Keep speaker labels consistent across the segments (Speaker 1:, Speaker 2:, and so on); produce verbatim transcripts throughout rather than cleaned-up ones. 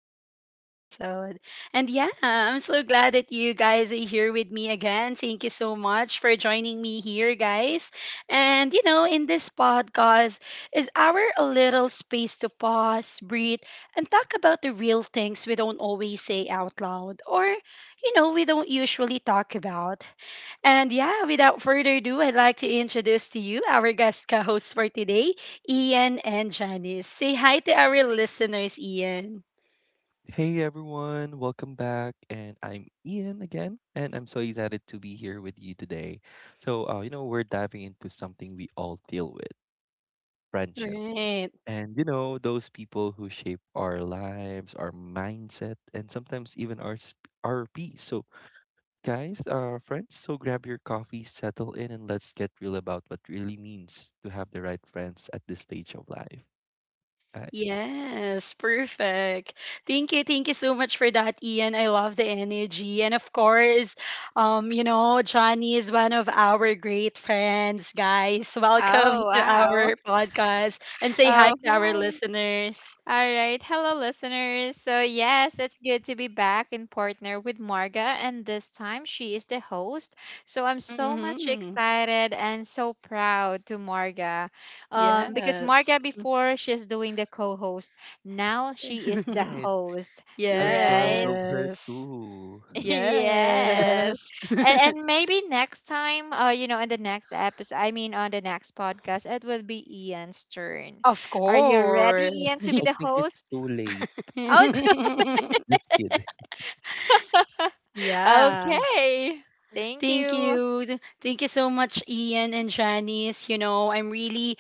Speaker 1: podcast episode. And yeah, I'm so glad that you guys are here with me again. Thank you so much for joining me here, guys. And, you know, in this podcast is our a little space to pause, breathe, and talk about the real things we don't always say out loud or, you know, we don't usually talk about. And yeah, without further ado, I'd like to introduce to you our guest co host for today, Ian and Janice. Say hi to our listeners, Ian.
Speaker 2: Hey everyone, welcome back. And I'm Ian again, and I'm so excited to be here with you today. So, uh, you know, we're diving into something we all deal with: friendship.
Speaker 1: Right.
Speaker 2: And, you know, those people who shape our lives, our mindset, and sometimes even our, sp- our peace. So, guys, uh, friends, so grab your coffee, settle in, and let's get real about what really means to have the right friends at this stage of life.
Speaker 1: Yes, perfect. Thank you, thank you so much for that, Ian. I love the energy. And of course, um, you know, Johnny is one of our great friends, guys. Welcome
Speaker 3: Oh,
Speaker 1: to
Speaker 3: wow.
Speaker 1: our podcast and say hi
Speaker 3: Oh,
Speaker 1: to our
Speaker 3: hi.
Speaker 1: listeners.
Speaker 3: All right. Hello, listeners. So, yes, it's good to be back in partner with Marga. And this time she is the host. So, I'm so much
Speaker 1: Mm-hmm.
Speaker 3: excited and so proud to Marga. Um, because
Speaker 1: Yes.
Speaker 3: Marga, before she's doing the co host, now she is the
Speaker 2: Right?
Speaker 3: host,
Speaker 2: I'm proud
Speaker 3: right?
Speaker 2: of her
Speaker 1: Yes.
Speaker 2: too.
Speaker 3: Yes.
Speaker 1: Yes.
Speaker 3: And and maybe next time, uh, you know, in the next episode, I mean on the next podcast, it will be Ian's turn.
Speaker 1: Of
Speaker 3: Are you ready, Ian,
Speaker 1: course.
Speaker 3: to be
Speaker 2: I
Speaker 3: the
Speaker 2: think it's
Speaker 3: host?
Speaker 2: too late.
Speaker 3: Oh,
Speaker 2: Just kidding.
Speaker 1: Yeah.
Speaker 3: okay. Thank
Speaker 1: Thank
Speaker 3: you.
Speaker 1: you. Th- Thank you so much, Ian and Janice. You know, I'm really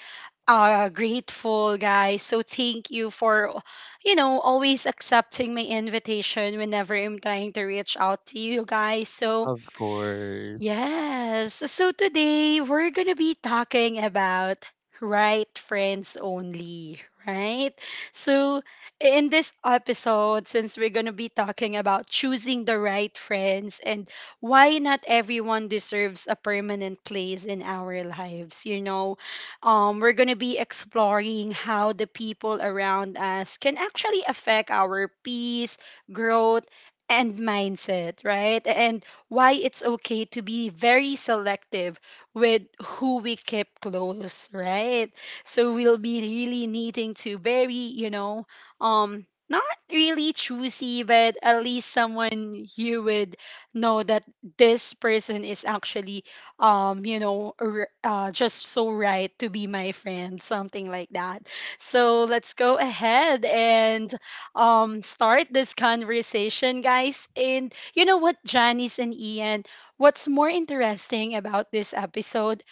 Speaker 1: uh grateful, guys. So thank you for, you know, always accepting my invitation whenever I'm trying to reach out to you guys. So
Speaker 2: Of course.
Speaker 1: yes. So today we're going to be talking about right friends only, right? So in this episode, since we're going to be talking about choosing the right friends and why not everyone deserves a permanent place in our lives, you know, um, we're going to be exploring how the people around us can actually affect our peace, growth, and mindset, right? And why it's okay to be very selective with who we keep close, right? So we'll be really needing to very, you know, um not really choosy, but at least someone you would know that this person is actually um you know r- uh, just so right to be my friend, something like that. So let's go ahead and um start this conversation, guys. And you know what, Janice and Ian, what's more interesting about this episode?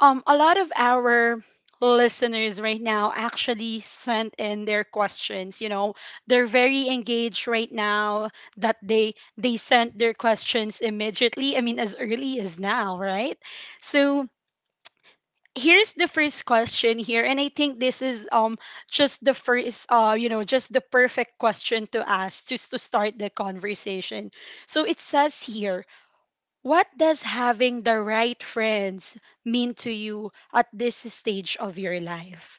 Speaker 1: Um, a lot of our listeners right now actually sent in their questions. You know, they're very engaged right now that they they sent their questions immediately. I mean, as early as now, right? So here's the first question here, and I think this is um just the first uh you know just the perfect question to ask just to start the conversation. So it says here. What does having the right friends mean to you at this stage of your life?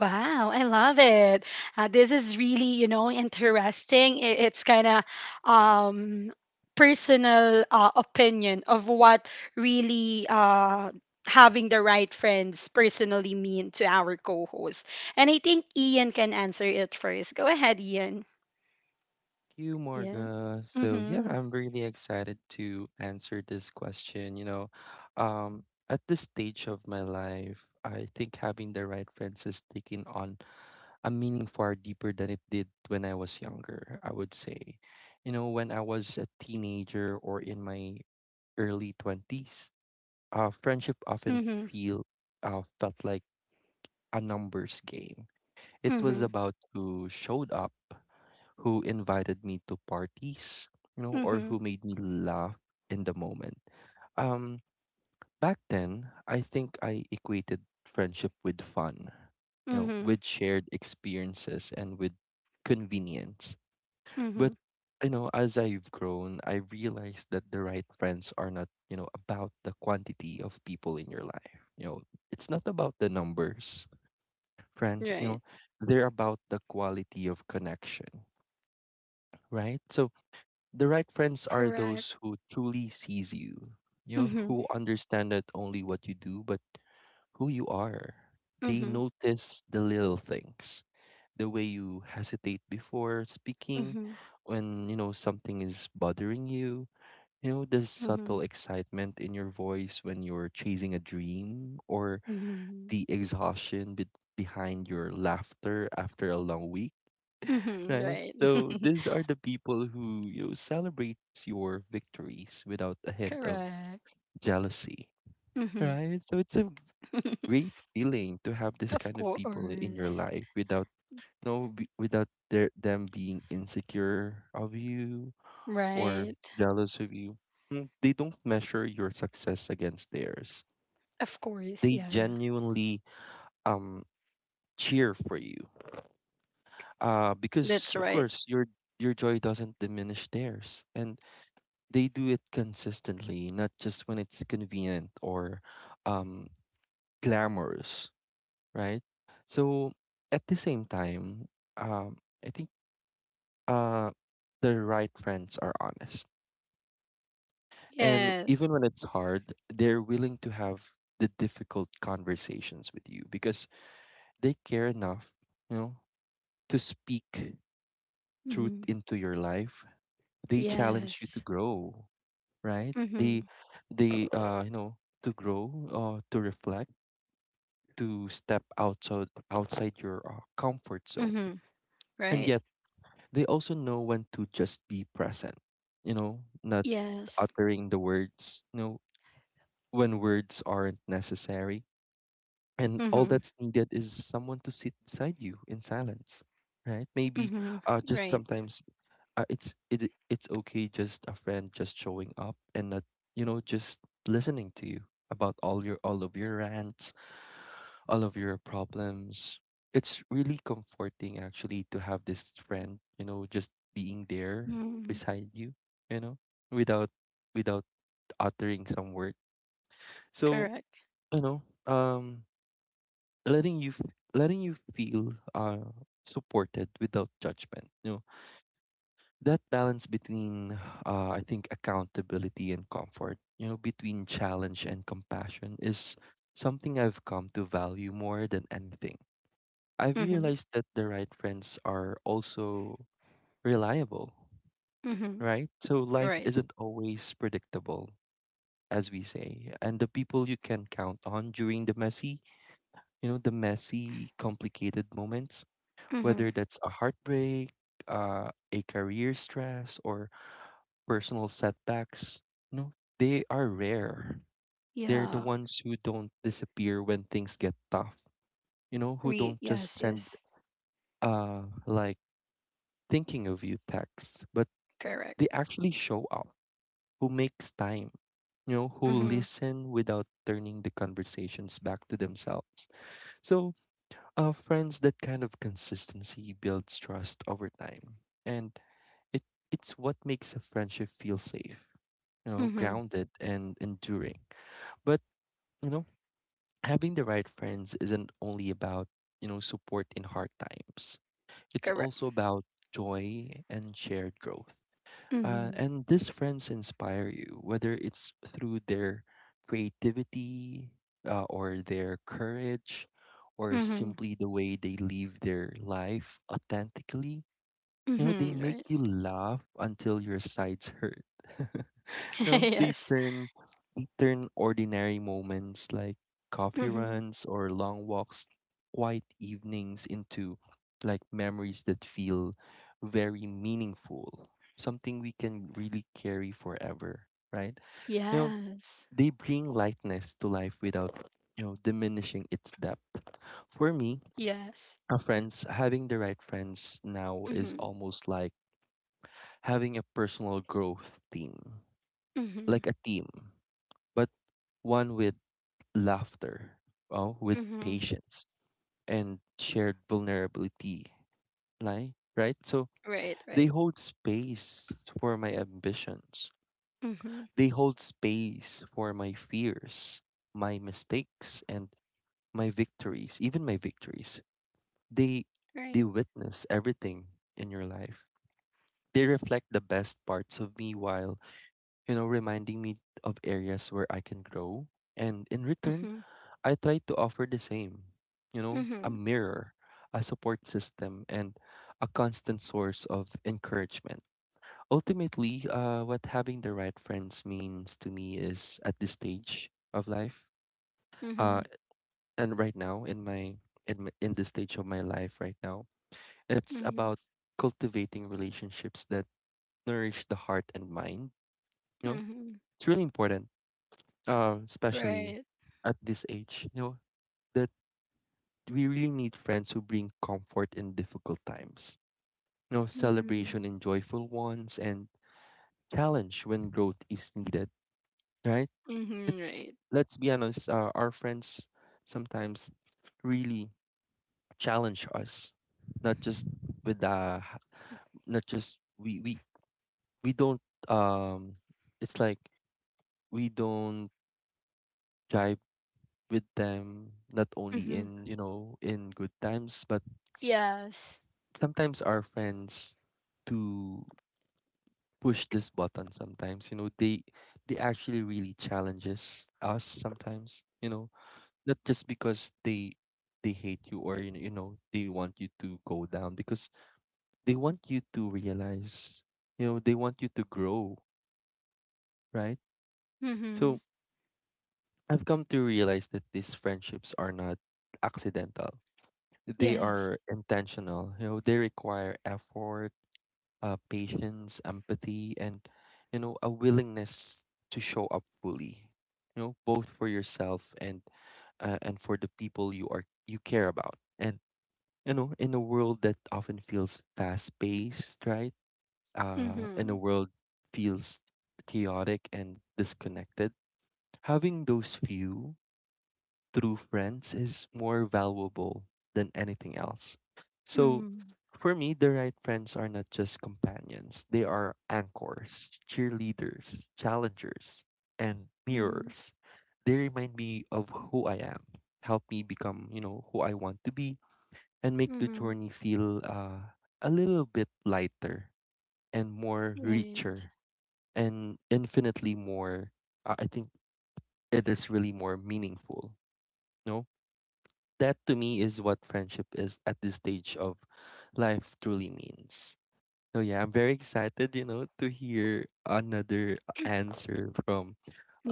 Speaker 1: Wow, I love it. Uh, this is really, you know, interesting. I- It's kind of um, personal uh, opinion of what really uh, having the right friends personally mean to our co-host. And I think Ian can answer it first. Go ahead, Ian.
Speaker 2: you,
Speaker 1: Yeah.
Speaker 2: Morga. So yeah,
Speaker 1: Mm-hmm.
Speaker 2: I'm really excited to answer this question. You know, um, at this stage of my life, I think having the right friends is taking on a meaning far deeper than it did when I was younger. I would say, you know, when I was a teenager or in my early twenties, uh, friendship often
Speaker 1: Mm-hmm.
Speaker 2: feel uh, felt like a numbers game. It was
Speaker 1: Mm-hmm.
Speaker 2: about who showed up, who invited me to parties, you know, or
Speaker 1: Mm-hmm.
Speaker 2: who made me laugh in the moment. Um, Back then, I think I equated friendship with fun, you know,
Speaker 1: Mm-hmm.
Speaker 2: with shared experiences and with convenience.
Speaker 1: Mm-hmm.
Speaker 2: But, you know, as I've grown, I realized that the right friends are not, you know, about the quantity of people in your life. You know, it's not about the numbers. Friends, you
Speaker 1: Right.
Speaker 2: know, they're about the quality of connection, right? So the right friends are
Speaker 1: Correct.
Speaker 2: those who truly sees you, you know,
Speaker 1: Mhm.
Speaker 2: who understand not only what you do, but who you are. They
Speaker 1: Mhm.
Speaker 2: notice the little things, the way you hesitate before speaking,
Speaker 1: Mhm.
Speaker 2: when, you know, something is bothering you, you know, the
Speaker 1: Mhm.
Speaker 2: subtle excitement in your voice when you're chasing a dream, or
Speaker 1: Mhm.
Speaker 2: the exhaustion be- behind your laughter after a long week,
Speaker 1: Mhm.
Speaker 2: right?
Speaker 1: Right.
Speaker 2: So these are the people who, you know, celebrates your victories without a hint of
Speaker 1: Correct.
Speaker 2: jealousy,
Speaker 1: Mhm.
Speaker 2: right? So it's a great feeling to have this
Speaker 1: of
Speaker 2: kind of people in your
Speaker 1: course.
Speaker 2: life without no be, without their them being insecure of you or
Speaker 1: Right.
Speaker 2: jealous of you. Mm, They don't measure your success against theirs.
Speaker 1: Of course.
Speaker 2: They
Speaker 1: Yeah. Yeah.
Speaker 2: genuinely um cheer for you. Uh, because
Speaker 1: That's
Speaker 2: of
Speaker 1: right.
Speaker 2: course your your joy doesn't diminish theirs, and they do it consistently, not just when it's convenient or um, glamorous, right? So at the same time, um, I think uh, the right friends are honest. And
Speaker 1: Yes.
Speaker 2: even when it's hard, they're willing to have the difficult conversations with you because they care enough, you know, to speak truth
Speaker 1: Mhm.
Speaker 2: into your life. They challenge you to
Speaker 1: Yes.
Speaker 2: grow, right? They
Speaker 1: Mhm.
Speaker 2: they uh you know, to grow, uh to reflect, to step outside outside your uh, comfort zone.
Speaker 1: Mhm.
Speaker 2: And
Speaker 1: Right.
Speaker 2: yet they also know when to just be present, you know, not
Speaker 1: Yes.
Speaker 2: uttering the words, you know, when words aren't necessary. And all
Speaker 1: Mhm.
Speaker 2: that's needed is someone to sit beside you in silence, right? Maybe
Speaker 1: Mhm.
Speaker 2: uh just
Speaker 1: Right.
Speaker 2: sometimes uh, it's it it's okay, just a friend just showing up and not, you know, just listening to you about all your all of your rants, all of your problems. It's really comforting actually to have this friend, you know, just being there
Speaker 1: Mhm.
Speaker 2: beside you, you know, without without uttering some word. So,
Speaker 1: Correct.
Speaker 2: you know, um letting you f- letting you feel uh supported without judgment, you know, that balance between uh, I think accountability and comfort, you know, between challenge and compassion, is something I've come to value more than anything. I've
Speaker 1: Mhm.
Speaker 2: realized that the right friends are also reliable,
Speaker 1: Mhm.
Speaker 2: right? So life
Speaker 1: Right.
Speaker 2: isn't always predictable, as we say, and the people you can count on during the messy, you know, the messy complicated moments, whether
Speaker 1: Mhm.
Speaker 2: that's a heartbreak, uh, a career stress or personal setbacks, you know, they are rare. They're the
Speaker 1: Yeah.
Speaker 2: ones who don't disappear when things get tough. You know, who don't
Speaker 1: Re.
Speaker 2: just
Speaker 1: Yes.
Speaker 2: send
Speaker 1: Yes.
Speaker 2: uh like thinking of you texts, but
Speaker 1: Correct.
Speaker 2: they actually show up, who makes time, you know, who
Speaker 1: Mhm.
Speaker 2: listen without turning the conversations back to themselves. So, uh friends, that kind of consistency builds trust over time. And It it's what makes a friendship feel safe, you know,
Speaker 1: Mhm.
Speaker 2: grounded and enduring. But, you know, having the right friends isn't only about, you know, support in hard times. It's
Speaker 1: Correct.
Speaker 2: also about joy and shared growth. Uh,
Speaker 1: Mhm.
Speaker 2: and these friends inspire you, whether it's through their creativity, uh, or their courage, or
Speaker 1: Mhm.
Speaker 2: simply the way they live their life authentically. You know, they
Speaker 1: Mhm.
Speaker 2: make
Speaker 1: Right.
Speaker 2: you laugh until your sides hurt. No, they
Speaker 1: yes.
Speaker 2: turn they turn ordinary moments like coffee
Speaker 1: Mhm.
Speaker 2: runs or long walks, quiet evenings, into like memories that feel very meaningful. Something we can really carry forever, right? You know,
Speaker 1: Yes.
Speaker 2: they bring lightness to life without, you know, diminishing its depth. For me,
Speaker 1: Yes.
Speaker 2: a friends having the right friends now is
Speaker 1: Mhm.
Speaker 2: almost like having a personal growth team,
Speaker 1: Mhm.
Speaker 2: like a team, but one with laughter, oh, with
Speaker 1: Mhm.
Speaker 2: patience and shared vulnerability, right? Right? So
Speaker 1: Right.
Speaker 2: they
Speaker 1: Right.
Speaker 2: hold space for my ambitions.
Speaker 1: Mhm.
Speaker 2: They hold space for my fears, my mistakes and my victories, even my victories. They they
Speaker 1: Right.
Speaker 2: witness everything in your life. They reflect the best parts of me while, you know, reminding me of areas where I can grow. And in return,
Speaker 1: Mhm.
Speaker 2: I try to offer the same, you know, a
Speaker 1: Mhm.
Speaker 2: mirror, a support system, and a constant source of encouragement. Ultimately, uh, what having the right friends means to me is at this stage of life, uh,
Speaker 1: Mhm.
Speaker 2: and right now in my in my- in this stage of my life right now, it's
Speaker 1: Mhm.
Speaker 2: about cultivating relationships that nourish the heart and mind. You know,
Speaker 1: Mhm.
Speaker 2: it's really important, uh, especially
Speaker 1: Right.
Speaker 2: at this age, you know, that we really need friends who bring comfort in difficult times, you know, celebration
Speaker 1: Mhm.
Speaker 2: in joyful ones, and challenge when growth is needed, right? It,
Speaker 1: Mhm. Right.
Speaker 2: let's be honest, uh, our friends sometimes really challenge us, not just with the, not just we we we don't um, it's like we don't jive with them, not only
Speaker 1: Mhm.
Speaker 2: in, you know, in good times, but
Speaker 1: Yes.
Speaker 2: sometimes our friends to push this button sometimes, you know, they they actually really challenges us sometimes, you know, not just because they they hate you, or you know, you know they want you to go down, because they want you to realize, you know, they want you to grow, right? So
Speaker 1: Mhm.
Speaker 2: I've come to realize that these friendships are not accidental, they are
Speaker 1: Yes.
Speaker 2: intentional. You know, they require effort, uh, patience, empathy, and, you know, a willingness to show up fully. You know, both for yourself and, uh, and for the people you are you care about. And, you know, in a world that often feels fast-paced, right? Uh, in
Speaker 1: Mhm.
Speaker 2: a world feels chaotic and disconnected, having those few through friends is more valuable than anything else. So
Speaker 1: Mhm.
Speaker 2: for me, the right friends are not just companions, they are anchors, cheerleaders, challengers, and
Speaker 1: Mhm.
Speaker 2: mirrors. They remind me of who I am, help me become, you know, who I want to be, and make the
Speaker 1: Mhm.
Speaker 2: journey feel uh, a little bit lighter and more
Speaker 1: Right.
Speaker 2: richer and infinitely more, uh, I think it is really more meaningful, no? That to me is what friendship is at this stage of life truly means. So yeah, I'm very excited, you know, to hear another answer from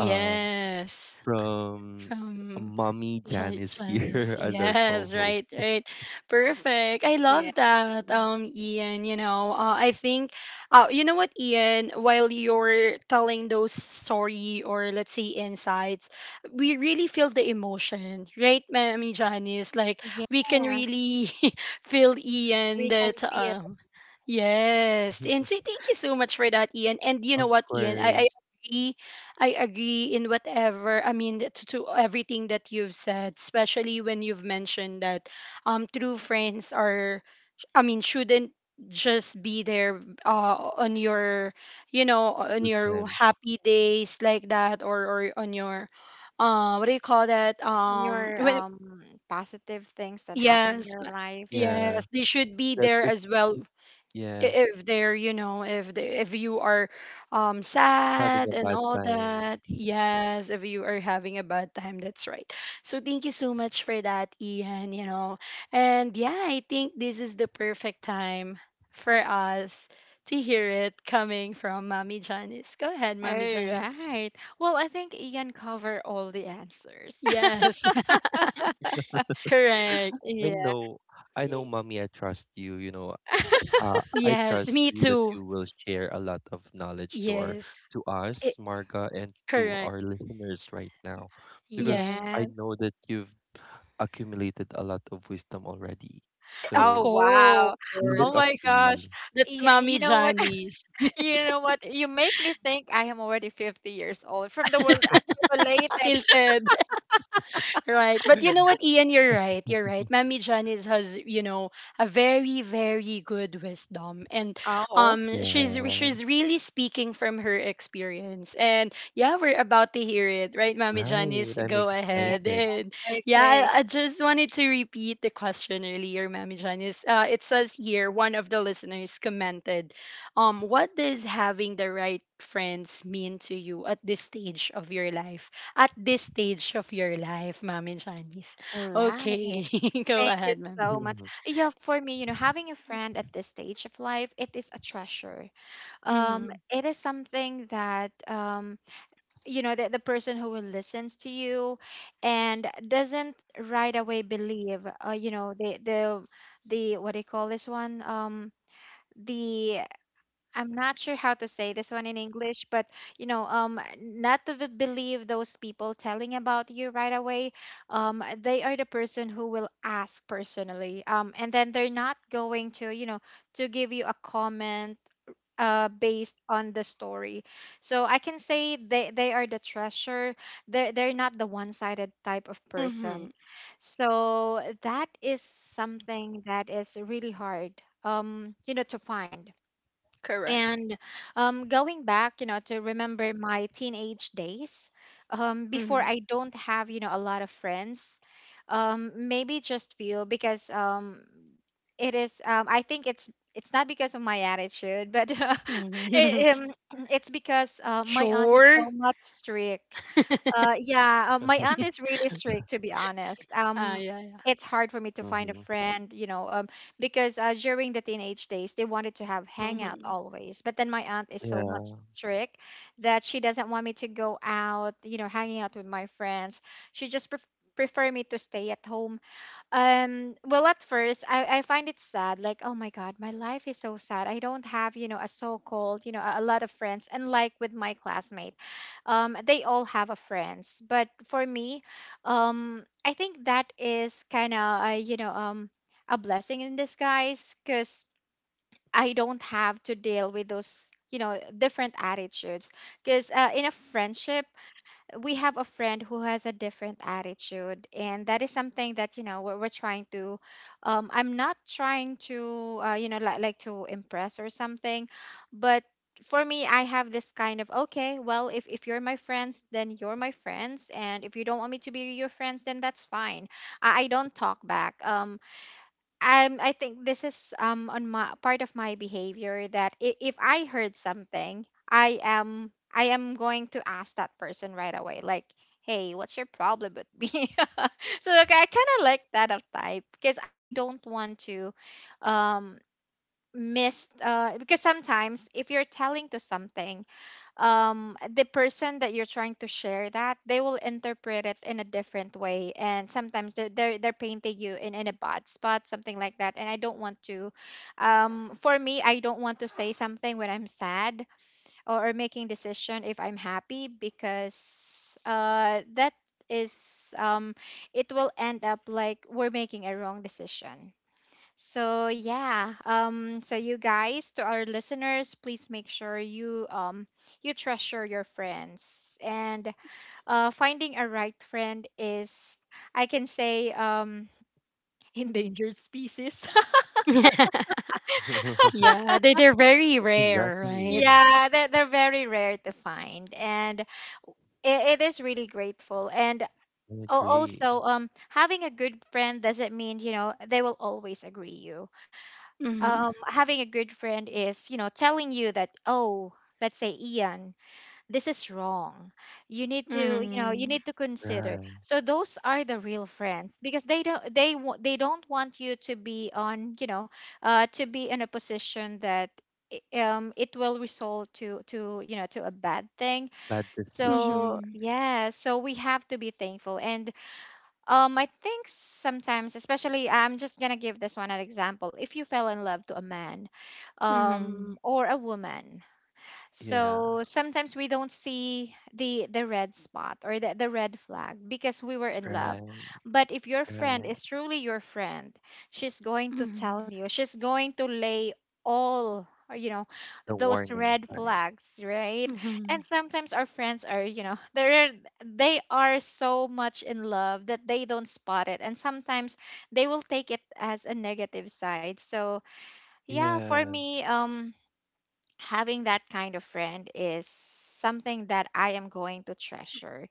Speaker 2: um from
Speaker 1: From
Speaker 2: mommy
Speaker 1: Jan-
Speaker 2: Janice
Speaker 1: Janice.
Speaker 2: here as our
Speaker 1: Yes,
Speaker 2: co-host.
Speaker 1: right, right. Perfect. I
Speaker 3: Yeah.
Speaker 1: love that, um, Ian. You know, uh, I think, uh, you know what, Ian, while you're telling those story, or let's say insights, we really feel the emotion, right, Mami Janice? Like, we can
Speaker 3: Yes,
Speaker 1: really feel Ian
Speaker 3: we can
Speaker 1: that,
Speaker 3: feel
Speaker 1: um, yes. And say thank you so much for that, Ian. And you know
Speaker 2: Of
Speaker 1: what, Ian, I, I
Speaker 2: course,
Speaker 1: agree. I agree in whatever, I mean, to, to everything that you've said, especially when you've mentioned that um true friends are, I mean, shouldn't just be there uh, on your, you know, on
Speaker 2: good
Speaker 1: your
Speaker 2: time.
Speaker 1: happy days like that, or or on your uh what do you call that,
Speaker 3: on
Speaker 1: um
Speaker 3: your
Speaker 1: when
Speaker 3: um positive things that happen in
Speaker 1: yes,
Speaker 3: your
Speaker 1: but
Speaker 3: life.
Speaker 2: Yeah,
Speaker 1: yes, they should be
Speaker 2: that
Speaker 1: there
Speaker 2: if
Speaker 1: as well. i-
Speaker 2: yes.
Speaker 1: if they're, you know, if they, if you are um
Speaker 2: Having a
Speaker 1: sad and
Speaker 2: bad
Speaker 1: all
Speaker 2: time.
Speaker 1: that. Yes, if you are having a bad time, that's right. So thank you so much for that, Ian, you know. And yeah, I think this is the perfect time for us to hear it coming from Mommy Janice. Go ahead,
Speaker 3: All
Speaker 1: Mommy Janice.
Speaker 3: right. Well, I think Ian covered all the answers.
Speaker 1: Yes. correct.
Speaker 2: I
Speaker 3: Yeah.
Speaker 2: know, I know,
Speaker 3: Y-
Speaker 2: mommy, I trust you. You know, uh, I
Speaker 1: Yes,
Speaker 2: trust
Speaker 1: me
Speaker 2: you that
Speaker 1: too.
Speaker 2: you will share a lot of knowledge to our,
Speaker 1: Yes.
Speaker 2: to
Speaker 1: Eh,
Speaker 2: us, Marga, and to
Speaker 1: correct.
Speaker 2: our listeners right now, because
Speaker 1: Yes.
Speaker 2: I
Speaker 3: Yes.
Speaker 2: know that you've accumulated a lot of wisdom already.
Speaker 1: Eh, of
Speaker 3: Oh
Speaker 2: So
Speaker 3: wow.
Speaker 2: we
Speaker 3: Oh
Speaker 2: look up
Speaker 1: course.
Speaker 3: my
Speaker 2: to you.
Speaker 3: gosh.
Speaker 1: That's
Speaker 3: Ian,
Speaker 1: Mommy
Speaker 3: you know what?
Speaker 1: Janice.
Speaker 3: You know what? You make me think I am already fifty years old from the world accumulated.
Speaker 1: Akil. Right. But you know what, Ian, you're right. You're right. Mammy Janice has, you know, a very, very good wisdom. And
Speaker 3: Oh,
Speaker 1: um she's
Speaker 2: Yeah,
Speaker 1: she's really speaking from her experience. And yeah, we're about to hear it, right, Mammy
Speaker 2: right.
Speaker 1: Janice?
Speaker 2: I'm
Speaker 1: Go
Speaker 3: yeah.
Speaker 1: ahead.
Speaker 2: excited.
Speaker 1: And yeah,
Speaker 3: Okay.
Speaker 1: I, I just wanted to repeat the question earlier, Mammy Janice. Uh, it says here, one of the listeners commented, um, what does having the right friends mean to you at this stage of your life? At this stage of your life, Ma'am and Shanice.
Speaker 3: All
Speaker 1: Okay,
Speaker 3: right.
Speaker 1: go
Speaker 3: Thank you
Speaker 1: ahead, Ma'am.
Speaker 3: so much.
Speaker 2: Hmm.
Speaker 3: Yeah, for me, you know, having a friend at this stage of life, it is a treasure. Um,
Speaker 1: Mm-hmm.
Speaker 3: it is something that um you know the, the person who will listens to you and doesn't right away believe uh, you know the the the, what do you call this one? Um the I'm not sure how to say this one in English, but you know, um not to be- believe those people telling about you right away. Um they are the person who will ask personally, um and then they're not going to, you know, to give you a comment uh, based on the story. So I can say they, they are the treasure. They're, they're not the one sided type of
Speaker 1: Mm-hmm.
Speaker 3: person. So that is something that is really hard, um, you know, to find.
Speaker 1: Correct.
Speaker 3: And um, going back, you know, to remember my teenage days, um, before
Speaker 1: Mm-hmm.
Speaker 3: I don't have, you know, a lot of friends, um, maybe just few. Because um, It is. Um, I think it's it's not because of my attitude, but
Speaker 1: Hmm.
Speaker 3: it, um, it's because uh, my aunt is
Speaker 1: Sure.
Speaker 3: so much strict.
Speaker 1: ah,
Speaker 3: Uh, yeah, uh, my aunt is really strict, to be honest.
Speaker 1: yeah,
Speaker 3: Um,
Speaker 1: yeah.
Speaker 3: it's hard for me to find a friend, you know, um, because uh, during the teenage days, they wanted to have hangout
Speaker 1: Mm-hmm.
Speaker 3: always. But then my aunt is so much
Speaker 2: Yeah.
Speaker 3: strict that she doesn't want me to go out, you know, hanging out with my friends. She just pref prefer me to stay at home. Um, well, at first, I, I find it sad. Like, oh my God, my life is so sad. I don't have, you know, a so-called, you know, a, a lot of friends. And like with my classmate, um, they all have a friends. But for me, um, I think that is kind of, uh, you know, um, a blessing in disguise, because I don't have to deal with those, you know, different attitudes. Because uh, in a friendship, we have a friend who has a different attitude, and that is something that you know we're, we're trying to, um I'm not trying to, uh, you know like, like to impress or something. But for me, I have this kind of, okay, well, if, if you're my friends, then you're my friends. And if you don't want me to be your friends, then that's fine. i, I don't talk back. um um, I think this is um on my part of my behavior, that if, if I heard something, I am I am going to ask that person right away, like, hey, what's your problem with me? So like I kind of like that of type, because I don't want to um miss. Uh because sometimes if you're telling to something, um the person that you're trying to share, that they will interpret it in a different way. And sometimes they're they're, they're painting you in, in a bad spot, something like that. And I don't want to, um for me, I don't want to say something when I'm sad, or, or making decision if I'm happy, because uh that is um it will end up like we're making a wrong decision. So yeah, um, so you guys, to our listeners, please make sure you um you treasure your friends. And uh, finding a right friend is, I can say, um, endangered species.
Speaker 1: yeah, they, they're very rare,
Speaker 2: Exactly.
Speaker 1: right?
Speaker 3: Yeah, they're, they're very rare to find, and it, it is really grateful. And
Speaker 2: I
Speaker 3: al-
Speaker 2: agree.
Speaker 3: also, um, having a good friend doesn't mean you know they will always agree you.
Speaker 1: Mm-hmm.
Speaker 3: Um, having a good friend is you know telling you that, oh, let's say Ian, this is wrong, you need to, you know, you
Speaker 1: Mm-hmm.
Speaker 3: need to consider.
Speaker 2: Right.
Speaker 3: So those are the real friends, because they don't, they wa- they don't want you to be on, you know, uh to be in a position that, i- um it will result to to you know, to a bad thing.
Speaker 2: Bad decisions.
Speaker 3: So
Speaker 1: Mm-hmm.
Speaker 3: yeah, so we have to be thankful. And um I think sometimes, especially, I'm just gonna give this one an example. If you fell in love to a man um
Speaker 1: Mm-hmm.
Speaker 3: or a woman,
Speaker 2: Yeah,
Speaker 3: so sometimes we don't see the the red spot, or the, the red flag, because we were in love.
Speaker 2: right,
Speaker 3: But if your friend
Speaker 2: right.
Speaker 3: is truly your friend, she's going to tell
Speaker 1: Mm-hmm.
Speaker 3: you. She's going to lay all, or, you know,
Speaker 2: The
Speaker 3: those
Speaker 2: warning
Speaker 3: red
Speaker 2: sign.
Speaker 3: flags, right?
Speaker 1: Mm-hmm.
Speaker 3: And sometimes our friends are, you know, they're they are so much in love that they don't spot it. And sometimes they will take it as a negative side. So yeah, for
Speaker 2: Yeah,
Speaker 3: me, um having that kind of friend is something that I am going to treasure.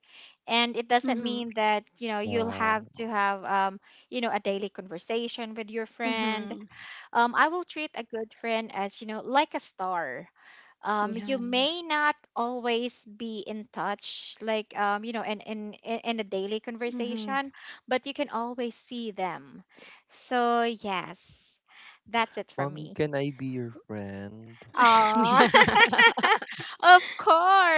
Speaker 3: And it doesn't
Speaker 1: Mm-hmm.
Speaker 3: mean that, you know, you'll
Speaker 2: wow.
Speaker 3: have to have, um, you know, a daily conversation with your friend.
Speaker 1: Mm-hmm.
Speaker 3: Um, I will treat a good friend as, you know, like a star. Um, you
Speaker 1: Yeah.
Speaker 3: may not always be in touch, like, um, you know, in, in, in in a daily
Speaker 1: Mm-hmm.
Speaker 3: conversation, but you can always see them. So, yes, that's it for
Speaker 2: Mommy,
Speaker 3: me.
Speaker 2: can I be your friend?
Speaker 1: yeah. Mhm.
Speaker 3: Of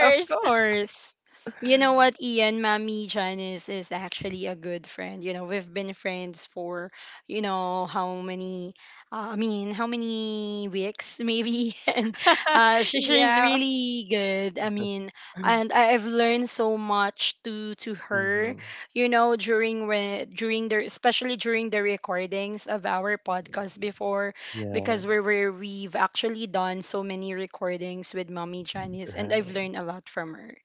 Speaker 1: Of course. You know what, Ian, Mommy Janice is actually a good friend. You know, we've been friends for, you know, how many, uh, I mean, how many weeks maybe? And uh, she, she's
Speaker 3: Yeah.
Speaker 1: really good. I mean, and I, I've learned so much to to her,
Speaker 2: Mm-hmm.
Speaker 1: you know, during when, during the, especially during the recordings of our podcast before,
Speaker 2: Yeah,
Speaker 1: because we were we've actually done so many recordings with Mommy Janice and I've
Speaker 2: right.
Speaker 1: learned a lot from her.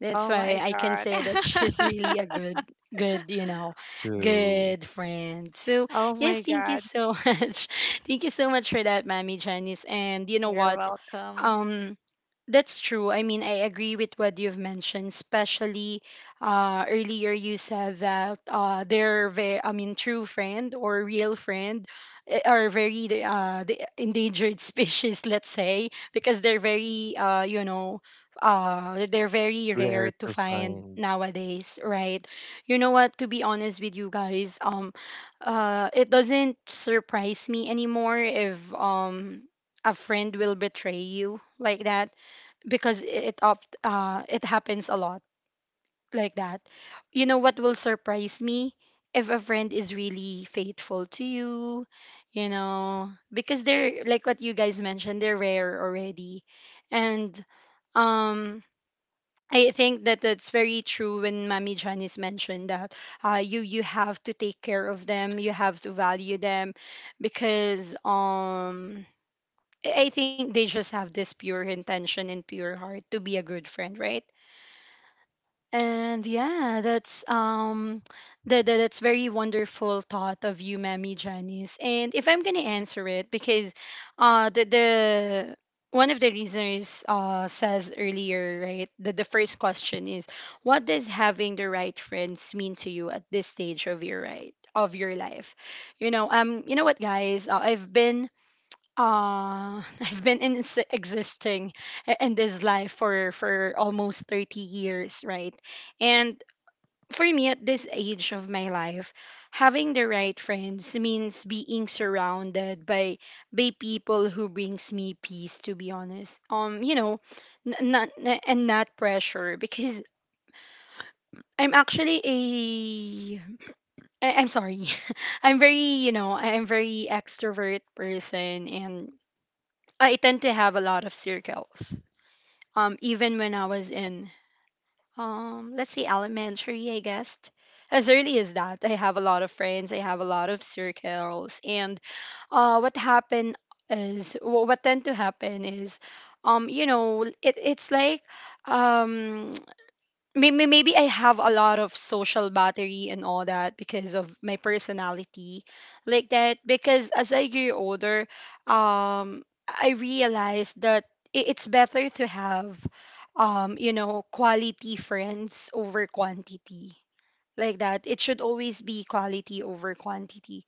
Speaker 1: That's
Speaker 3: Oh
Speaker 1: why
Speaker 3: my
Speaker 1: I can
Speaker 3: God.
Speaker 1: say that she's really a good good, you know,
Speaker 2: True.
Speaker 1: good friend. So
Speaker 3: Oh
Speaker 1: yes,
Speaker 3: my
Speaker 1: thank you
Speaker 3: God.
Speaker 1: so much. Thank you so much for that, Mommy Janice. And you know
Speaker 3: You're
Speaker 1: what?
Speaker 3: welcome.
Speaker 1: Um that's true. I mean, I agree with what you've mentioned, especially uh, earlier you said that uh, they're, ve- I mean, true friend or real friend, eh, are very uh the endangered species, let's say, because they're very uh you know uh they're very rare
Speaker 2: Rare
Speaker 1: to
Speaker 2: to
Speaker 1: find
Speaker 2: find.
Speaker 1: nowadays, right? You know what, to be honest with you guys, um uh it doesn't surprise me anymore if um a friend will betray you like that, because it oft uh it happens a lot like that. You know what will surprise me? If a friend is really faithful to you, you know, because they're, like what you guys mentioned, they're rare already. And um I think that that's very true when Mami Janice mentioned that uh, you you have to take care of them, you have to value them because um I I think they just have this pure intention and pure heart to be a good friend, right? And yeah, that's um that, that that's very wonderful thought of you, Mammy Janice. And if I'm gonna answer it, because uh the the one of the reasons uh says earlier, right? The the first question is, what does having the right friends mean to you at this stage of your right of your life? You know, um you know what, guys, uh, I've been uh, I've been in s- existing i- in this life for for almost thirty years, right? And for me at this age of my life, having the right friends means being surrounded by by people who brings me peace, to be honest. Um, you know, n- not n- and not pressure because I'm actually a I- I'm sorry. I'm very, you know, I'm very extrovert person and I tend to have a lot of circles. Um, even when I was in, um, let's say elementary, I guess, as early as that, I have a lot of friends. I have a lot of circles, and uh, what happened is wh- what tend to happen is, um, you know, it, it's like, um, maybe maybe I have a lot of social battery and all that because of my personality like that. Because as I grew older, um I realized that i- it's better to have um you know, quality friends over quantity, like that. It should always be quality over quantity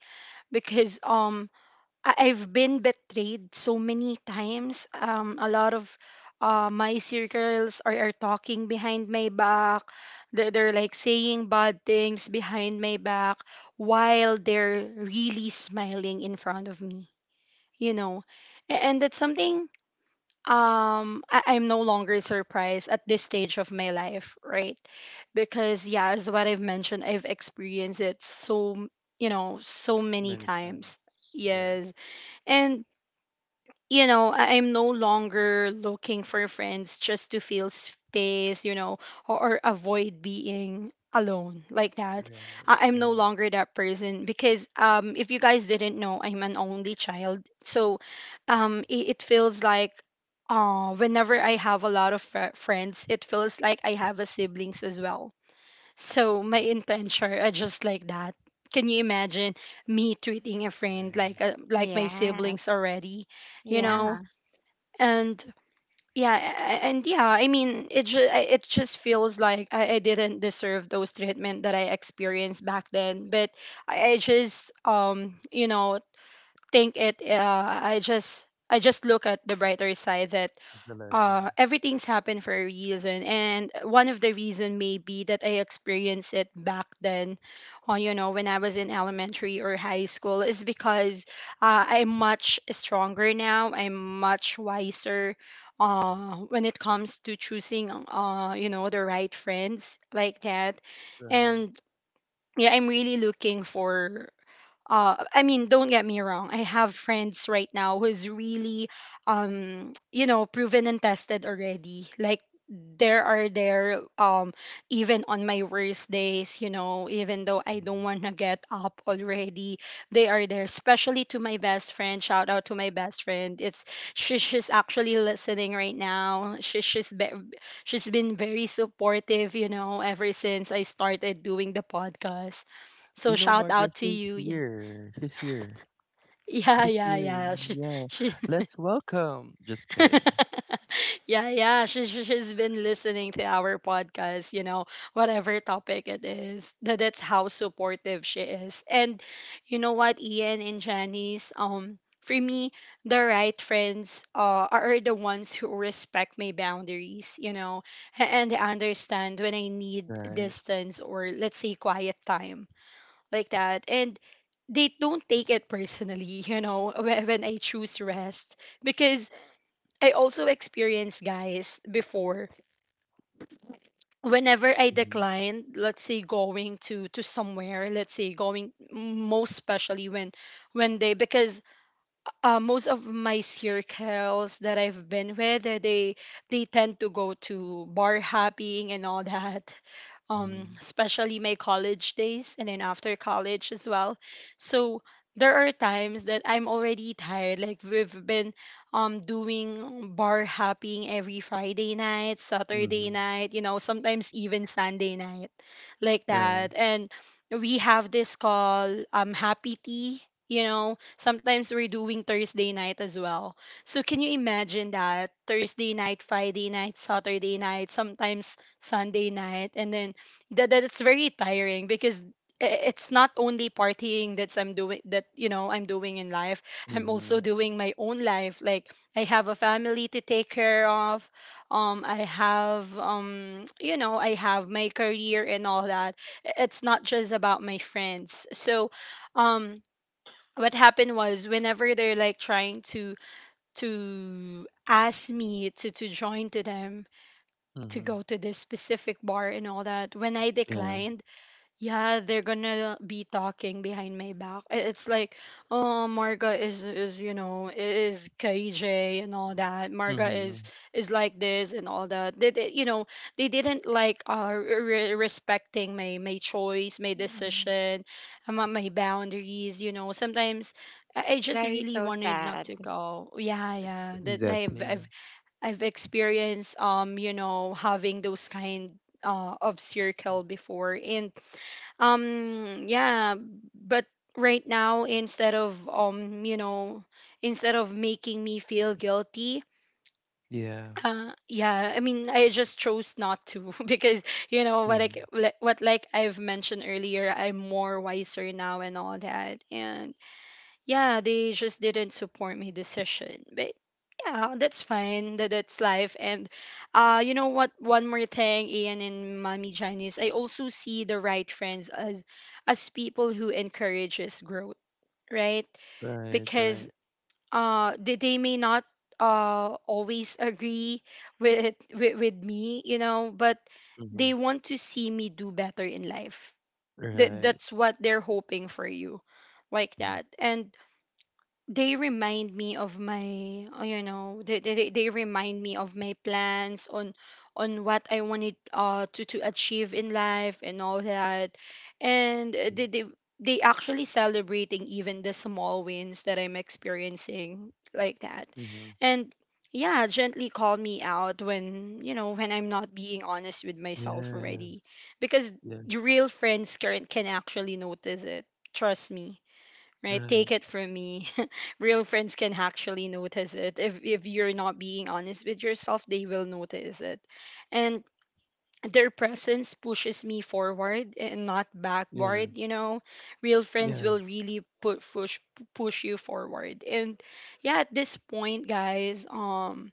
Speaker 1: because um I- I've been betrayed so many times. Um, a lot of uh, my circles are, are talking behind my back. They're, they're like saying bad things behind my back while they're really smiling in front of me, you know. A- And that's something um, I, I'm no longer surprised at this stage of my life, right? Because yeah, as what I've mentioned, I've experienced it so, you know, so many
Speaker 2: Many
Speaker 1: times.
Speaker 2: times. Yeah.
Speaker 1: Yes. And you know, I- I'm no longer looking for friends just to fill space, you know, or, or avoid being alone like that. I-
Speaker 2: Right,
Speaker 1: I'm no
Speaker 2: right,
Speaker 1: longer that person because um if you guys didn't know, I'm an only child. So um it, it feels like uh whenever I have a lot of fr- friends, it feels like I have a siblings as well. So my intention are just like that. Can you imagine me treating a friend like
Speaker 2: right,
Speaker 1: a, like my siblings
Speaker 3: Yes.
Speaker 1: already? you
Speaker 3: Yeah.
Speaker 2: right.
Speaker 1: know and yeah a- and yeah, I mean it ju- I- it just feels like I, I didn't deserve those treatment that I experienced back then. But i, I just um you know think it uh, i just i just look at the brighter side that
Speaker 2: The
Speaker 1: uh
Speaker 2: lesson.
Speaker 1: everything's happened for a reason, and one of the reason may be that I experienced it back then on you know, when I was in elementary or high school, is because uh, I'm much stronger now, I'm much wiser
Speaker 2: Mhm.
Speaker 1: uh when it comes to choosing uh you know, the right friends like that.
Speaker 2: Right.
Speaker 1: And yeah, I'm really looking for uh, I mean, don't get me wrong. I have friends right now who's really, um, you know, proven and tested already. Like there are there, um, even on my worst days, you know, even though I don't
Speaker 2: Mhm.
Speaker 1: want to get up already, they are there. Especially to my best friend. Shout out to my best friend. It's she, she's actually listening right now. She, she's be, she's been very supportive, you know, ever since I started doing the podcast. So
Speaker 2: You know,
Speaker 1: shout out
Speaker 2: Margaret,
Speaker 1: to
Speaker 2: she's
Speaker 1: you. Yeah.
Speaker 2: here. She's here.
Speaker 1: Yeah,
Speaker 2: She's
Speaker 1: yeah,
Speaker 2: here.
Speaker 1: yeah. She,
Speaker 2: Yeah.
Speaker 1: she,
Speaker 2: Let's welcome. Just kidding.
Speaker 1: yeah, yeah. She, she, she's been listening to our podcast, you know, whatever topic it is. That, that's how supportive she is. And you know what, Ian and Janice, um, for me, the right friends uh, are the ones who respect my boundaries, you know, a- and understand when I need
Speaker 2: Right.
Speaker 1: distance or, let's say, quiet time like that. And they don't take it personally you know, whe- when I choose rest. Because I also experienced, guys, before, whenever I
Speaker 2: Mm-hmm.
Speaker 1: declined, let's say going to to somewhere, let's say going, most especially when when they because uh, most of my circles that I've been with, uh, they they tend to go to bar hopping and all that. Um,
Speaker 2: Mm-hmm.
Speaker 1: especially my college days and then after college as well. So there are times that I'm already tired. Like we've been um doing bar hopping every Friday night, Saturday
Speaker 2: Mm-hmm.
Speaker 1: night, you know, sometimes even Sunday night, like
Speaker 2: Right.
Speaker 1: that. And we have this call um happy tea, you know, sometimes we're doing Thursday night as well. So can you imagine? That Thursday night, Friday night, Saturday night, sometimes Sunday night, and then that that's very tiring because i- it's not only partying that's I'm doing, that you know I'm doing in life. I'm
Speaker 2: Mm-hmm.
Speaker 1: also doing my own life. Like I have a family to take care of. Um, I have um, you know, I have my career and all that. I- It's not just about my friends. So, um, what happened was whenever they're like trying to to ask me to to join to them to
Speaker 2: Mm-hmm.
Speaker 1: go to this specific bar and all that, when I
Speaker 2: Yeah.
Speaker 1: declined, yeah, they're gonna be talking behind my back. I- It's like, oh, Marga is is, you know, is K J and all that. Marga
Speaker 2: Mm-hmm.
Speaker 1: is is like this and all that. They, they, you know, they didn't like uh re- respecting my my choice, my
Speaker 3: Yeah.
Speaker 1: decision, um, uh, my boundaries. You know, sometimes I I just
Speaker 3: That is
Speaker 1: really
Speaker 3: so
Speaker 1: wanted
Speaker 3: sad.
Speaker 1: not to go. Yeah, yeah. That I've
Speaker 2: Exactly.
Speaker 1: I've I've experienced, um, you know, having those kind uh, of circle before. And um, yeah. But right now, instead of um, you know, instead of making me feel guilty,
Speaker 2: Yeah.
Speaker 1: uh yeah, I mean, I just chose not to because you know what,
Speaker 2: Mm-hmm.
Speaker 1: like what like I've mentioned earlier, I'm more wiser now and all that. And yeah, they just didn't support my decision. But yeah, that's fine. That that's life. And uh, you know what? One more thing, Ian and Mommy Janice, I also see the right friends as as people who encourages growth, right?
Speaker 2: Right,
Speaker 1: Because
Speaker 2: right.
Speaker 1: uh, they they may not uh always agree with with, with me, you know, but
Speaker 2: Mm-hmm.
Speaker 1: they want to see me do better in life. That
Speaker 2: Right.
Speaker 1: that's what they're hoping for you, like
Speaker 2: Mm-hmm.
Speaker 1: that. And they remind me of my uh, you know, they, they, they remind me of my plans on on what I wanted uh to, to achieve in life and all that. And uh, they, they they actually celebrating even the small wins that I'm experiencing, like that.
Speaker 2: Mm-hmm.
Speaker 1: And yeah, gently call me out when you know, when I'm not being honest with myself
Speaker 2: Yes.
Speaker 1: already. Because
Speaker 2: Yes.
Speaker 1: your real friends can, can actually notice it. Trust me, right?
Speaker 2: Right.
Speaker 1: Take it from me. Real friends can actually notice it. If if you're not being honest with yourself, they will notice it. And their presence pushes me forward and not
Speaker 2: Yeah.
Speaker 1: backward, you know. Real friends
Speaker 2: Yeah.
Speaker 1: will really put push push you forward. And yeah, at this point, guys, um,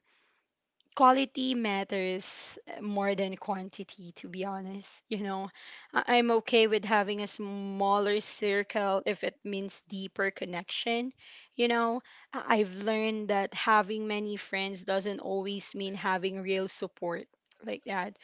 Speaker 1: quality matters more than quantity, to be honest, you know. I- I'm okay with having a smaller circle if it means deeper connection, you know. I- I've learned that having many friends doesn't always mean having real support, like that.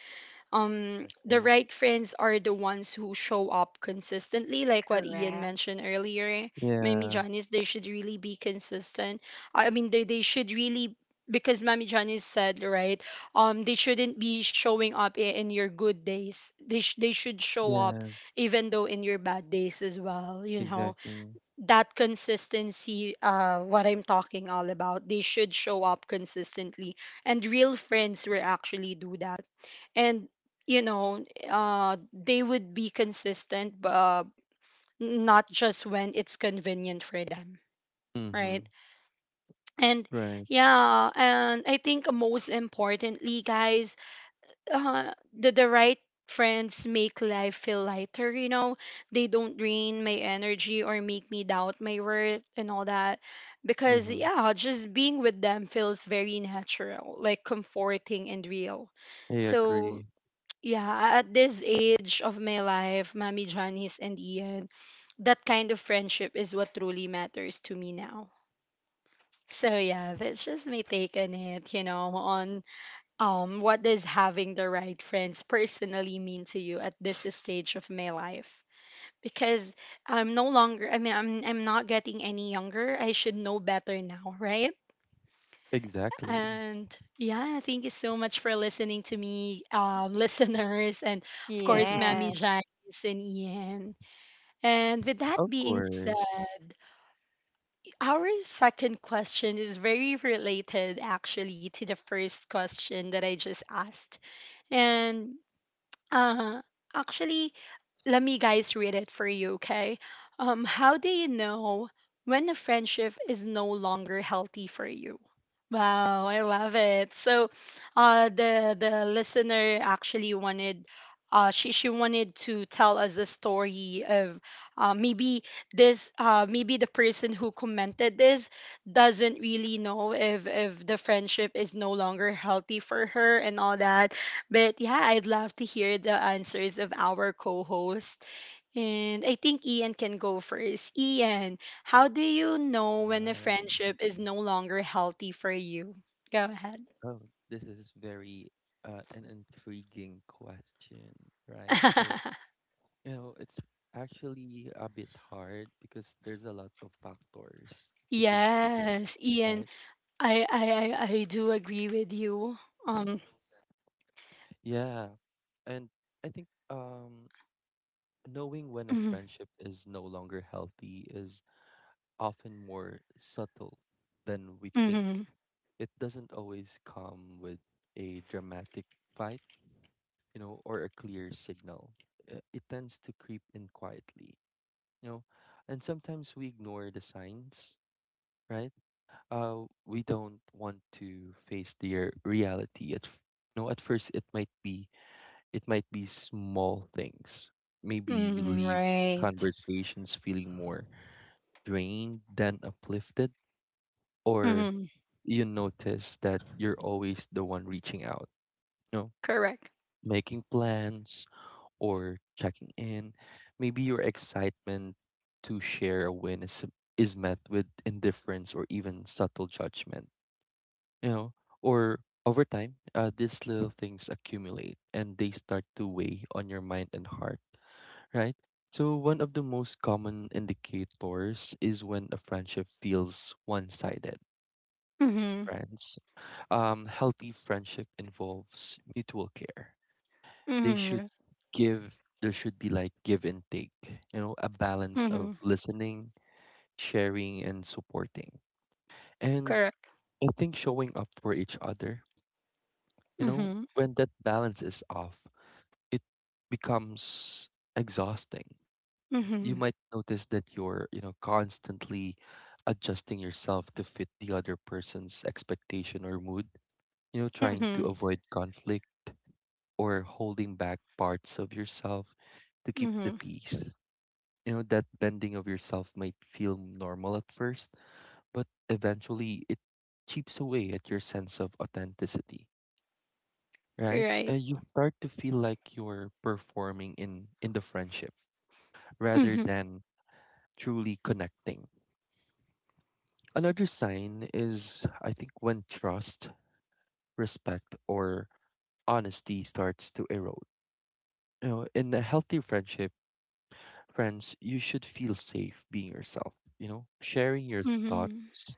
Speaker 1: Um, the
Speaker 2: Exactly.
Speaker 1: right friends are the ones who show up consistently, like what Ian
Speaker 3: Correct.
Speaker 1: mentioned earlier. Mami
Speaker 2: Yeah.
Speaker 1: Janice, they should really be consistent. I mean, they, they should really, because Mami Janice said, right, um, they shouldn't be showing up i- in your good days. They, sh- they should show up
Speaker 2: Yeah.
Speaker 1: even though in your bad days as well, you know.
Speaker 2: Exactly.
Speaker 1: That consistency uh what I'm talking all about, they should show up consistently. And real friends will actually do that. And you know, uh they would be consistent, uh, not just when it's convenient for them,
Speaker 2: Mm-hmm.
Speaker 1: right? And
Speaker 2: Right.
Speaker 1: yeah, and I think, most importantly, guys, uh, the, the right friends make life feel lighter, you know. They don't drain my energy or make me doubt my worth and all that. Because
Speaker 2: Mm-hmm.
Speaker 1: yeah, just being with them feels very natural, like comforting and real.
Speaker 2: I
Speaker 1: So
Speaker 2: agree.
Speaker 1: yeah, at this age of my life, Mami Johnny's and Ian, that kind of friendship is what truly matters to me now. So yeah, that's just my take on it, you know, on um, what does having the right friends personally mean to you at this stage of my life. Because I'm no longer I mean, I'm I'm not getting any younger. I should know better now, right?
Speaker 2: Exactly.
Speaker 1: And yeah, thank you so much for listening to me, um, listeners, and of course, Mammy Janice
Speaker 3: Yes.
Speaker 1: and Ian. And with that
Speaker 2: Of
Speaker 1: being said,
Speaker 2: course.
Speaker 1: our second question is very related, actually, to the first question that I just asked. And uh, actually, let me guys read it for you, okay? Um, how do you know when a friendship is no longer healthy for you? Wow, I love it. So, uh, the the listener actually wanted, uh, she she wanted to tell us a story of, uh, maybe this, uh, maybe the person who commented this doesn't really know if if the friendship is no longer healthy for her and all that. But yeah, I'd love to hear the answers of our co host. And I think Ian can go first. Ian, how do you know when a
Speaker 2: Wow.
Speaker 1: friendship is no longer healthy for you? Go ahead.
Speaker 2: Oh, this is very, uh, an intriguing question, right? So, you know, it's actually a bit hard because there's a lot of factors to consider,
Speaker 1: Yes, Ian,
Speaker 2: right?
Speaker 1: I, I, I, I do agree with you. Um,
Speaker 2: Yeah. And I think um knowing when a
Speaker 1: mhm,
Speaker 2: friendship is no longer healthy is often more subtle than we think.
Speaker 1: mhm,
Speaker 2: It doesn't always come with a dramatic fight, you know, or a clear signal. Uh, It tends to creep in quietly, you know, and sometimes we ignore the signs, right? Uh, we don't want to face their reality. At f- you know, at first it might be it might be small things. Maybe you
Speaker 1: mhm,
Speaker 2: leave
Speaker 1: right.
Speaker 2: conversations feeling more drained than uplifted, or
Speaker 1: Hmm.
Speaker 2: you notice that you're always the one reaching out, you know,
Speaker 1: Correct.
Speaker 2: making plans or checking in. Maybe your excitement to share a win is, is met with indifference or even subtle judgment, you know, or over time, uh, these little things accumulate and they start to weigh on your mind and heart, right? So, one of the most common indicators is when a friendship feels one sided.
Speaker 1: Hmm.
Speaker 2: Friends um, healthy friendship involves mutual care. They should
Speaker 1: Hmm.
Speaker 2: give, there should be like give and take, you know, a balance of
Speaker 1: Hmm.
Speaker 2: listening, sharing, and supporting. And
Speaker 1: Correct.
Speaker 2: I think showing up for each other, you know,
Speaker 1: Hmm.
Speaker 2: when that balance is off, it becomes exhausting. You
Speaker 1: Hmm.
Speaker 2: might notice that you're, you know, constantly adjusting yourself to fit the other person's expectation or mood, you know, trying to
Speaker 1: Hmm.
Speaker 2: avoid conflict or holding back parts of yourself to keep the
Speaker 1: Hmm.
Speaker 2: peace. You know, that bending of yourself might feel normal at first, but eventually it chips away at your sense of authenticity, right?
Speaker 1: Right.
Speaker 2: Uh, you start to feel like you're performing in, in the friendship rather
Speaker 1: Mhm.
Speaker 2: than truly connecting. Another sign is, I think, when trust, respect, or honesty starts to erode. You know, in a healthy friendship, friends, you should feel safe being yourself, you know, sharing your
Speaker 1: Mhm.
Speaker 2: thoughts,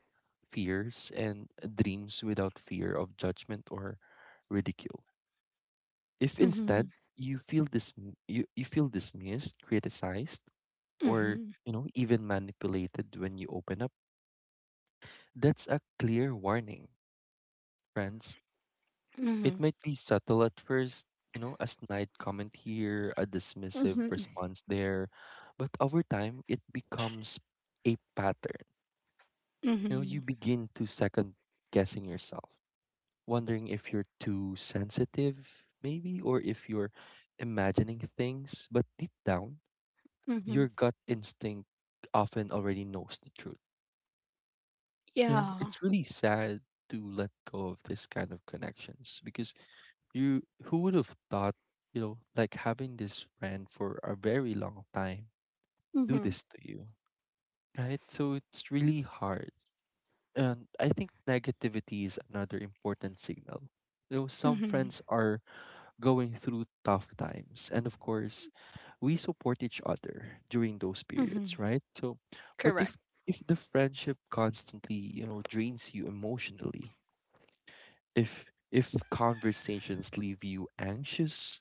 Speaker 2: fears, and dreams without fear of judgment or ridicule. If instead
Speaker 1: Mhm.
Speaker 2: you feel dis- you, you feel dismissed, criticized, or
Speaker 1: Mhm.
Speaker 2: you know, even manipulated when you open up, that's a clear warning, friends. It
Speaker 1: Mhm.
Speaker 2: might be subtle at first, you know, a snide comment here, a dismissive
Speaker 1: Mhm.
Speaker 2: response there, but over time it becomes a pattern. You know,
Speaker 1: Mhm.
Speaker 2: you begin to second guessing yourself, wondering if you're too sensitive, maybe, or if you're imagining things. But deep down, your
Speaker 1: Mhm.
Speaker 2: gut instinct often already knows the truth. You know,
Speaker 1: Yeah.
Speaker 2: it's really sad to let go of this kind of connections because you, who would have thought, you know, like having this friend for a very long time do
Speaker 1: Mhm.
Speaker 2: this to you, right? So it's really hard. And I think negativity is another important signal. You know, some
Speaker 1: Mhm.
Speaker 2: friends are going through tough times. And of course, we support each other during those periods,
Speaker 1: Mhm.
Speaker 2: right? So, but
Speaker 1: Correct.
Speaker 2: if if the friendship constantly, you know, drains you emotionally, if if conversations leave you anxious,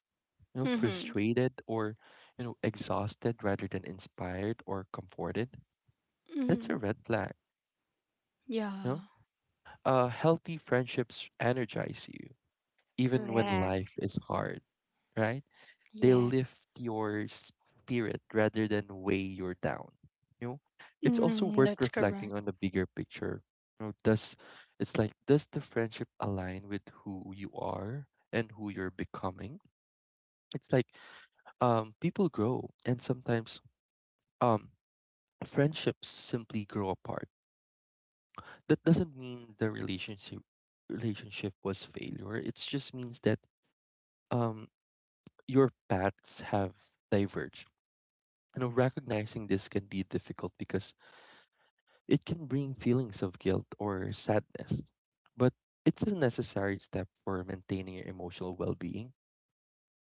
Speaker 2: you know,
Speaker 1: Mhm.
Speaker 2: frustrated or, you know, exhausted rather than inspired or comforted, that's a
Speaker 1: Mhm.
Speaker 2: red flag, you know?
Speaker 1: Yeah.
Speaker 2: Uh healthy friendships energize you even when
Speaker 3: Correct.
Speaker 2: life is hard, right? They
Speaker 3: Yeah.
Speaker 2: lift your spirit rather than weigh you down. You know, it's also
Speaker 1: Mhm.
Speaker 2: worth
Speaker 1: That's
Speaker 2: reflecting
Speaker 1: correct.
Speaker 2: on the bigger picture. You know, does it's like does the friendship align with who you are and who you're becoming? It's like um, people grow, and sometimes um, friendships simply grow apart. That doesn't mean the relationship relationship was failure. It just means that um your paths have diverged. You know, recognizing this can be difficult because it can bring feelings of guilt or sadness. But it's a necessary step for maintaining your emotional well being.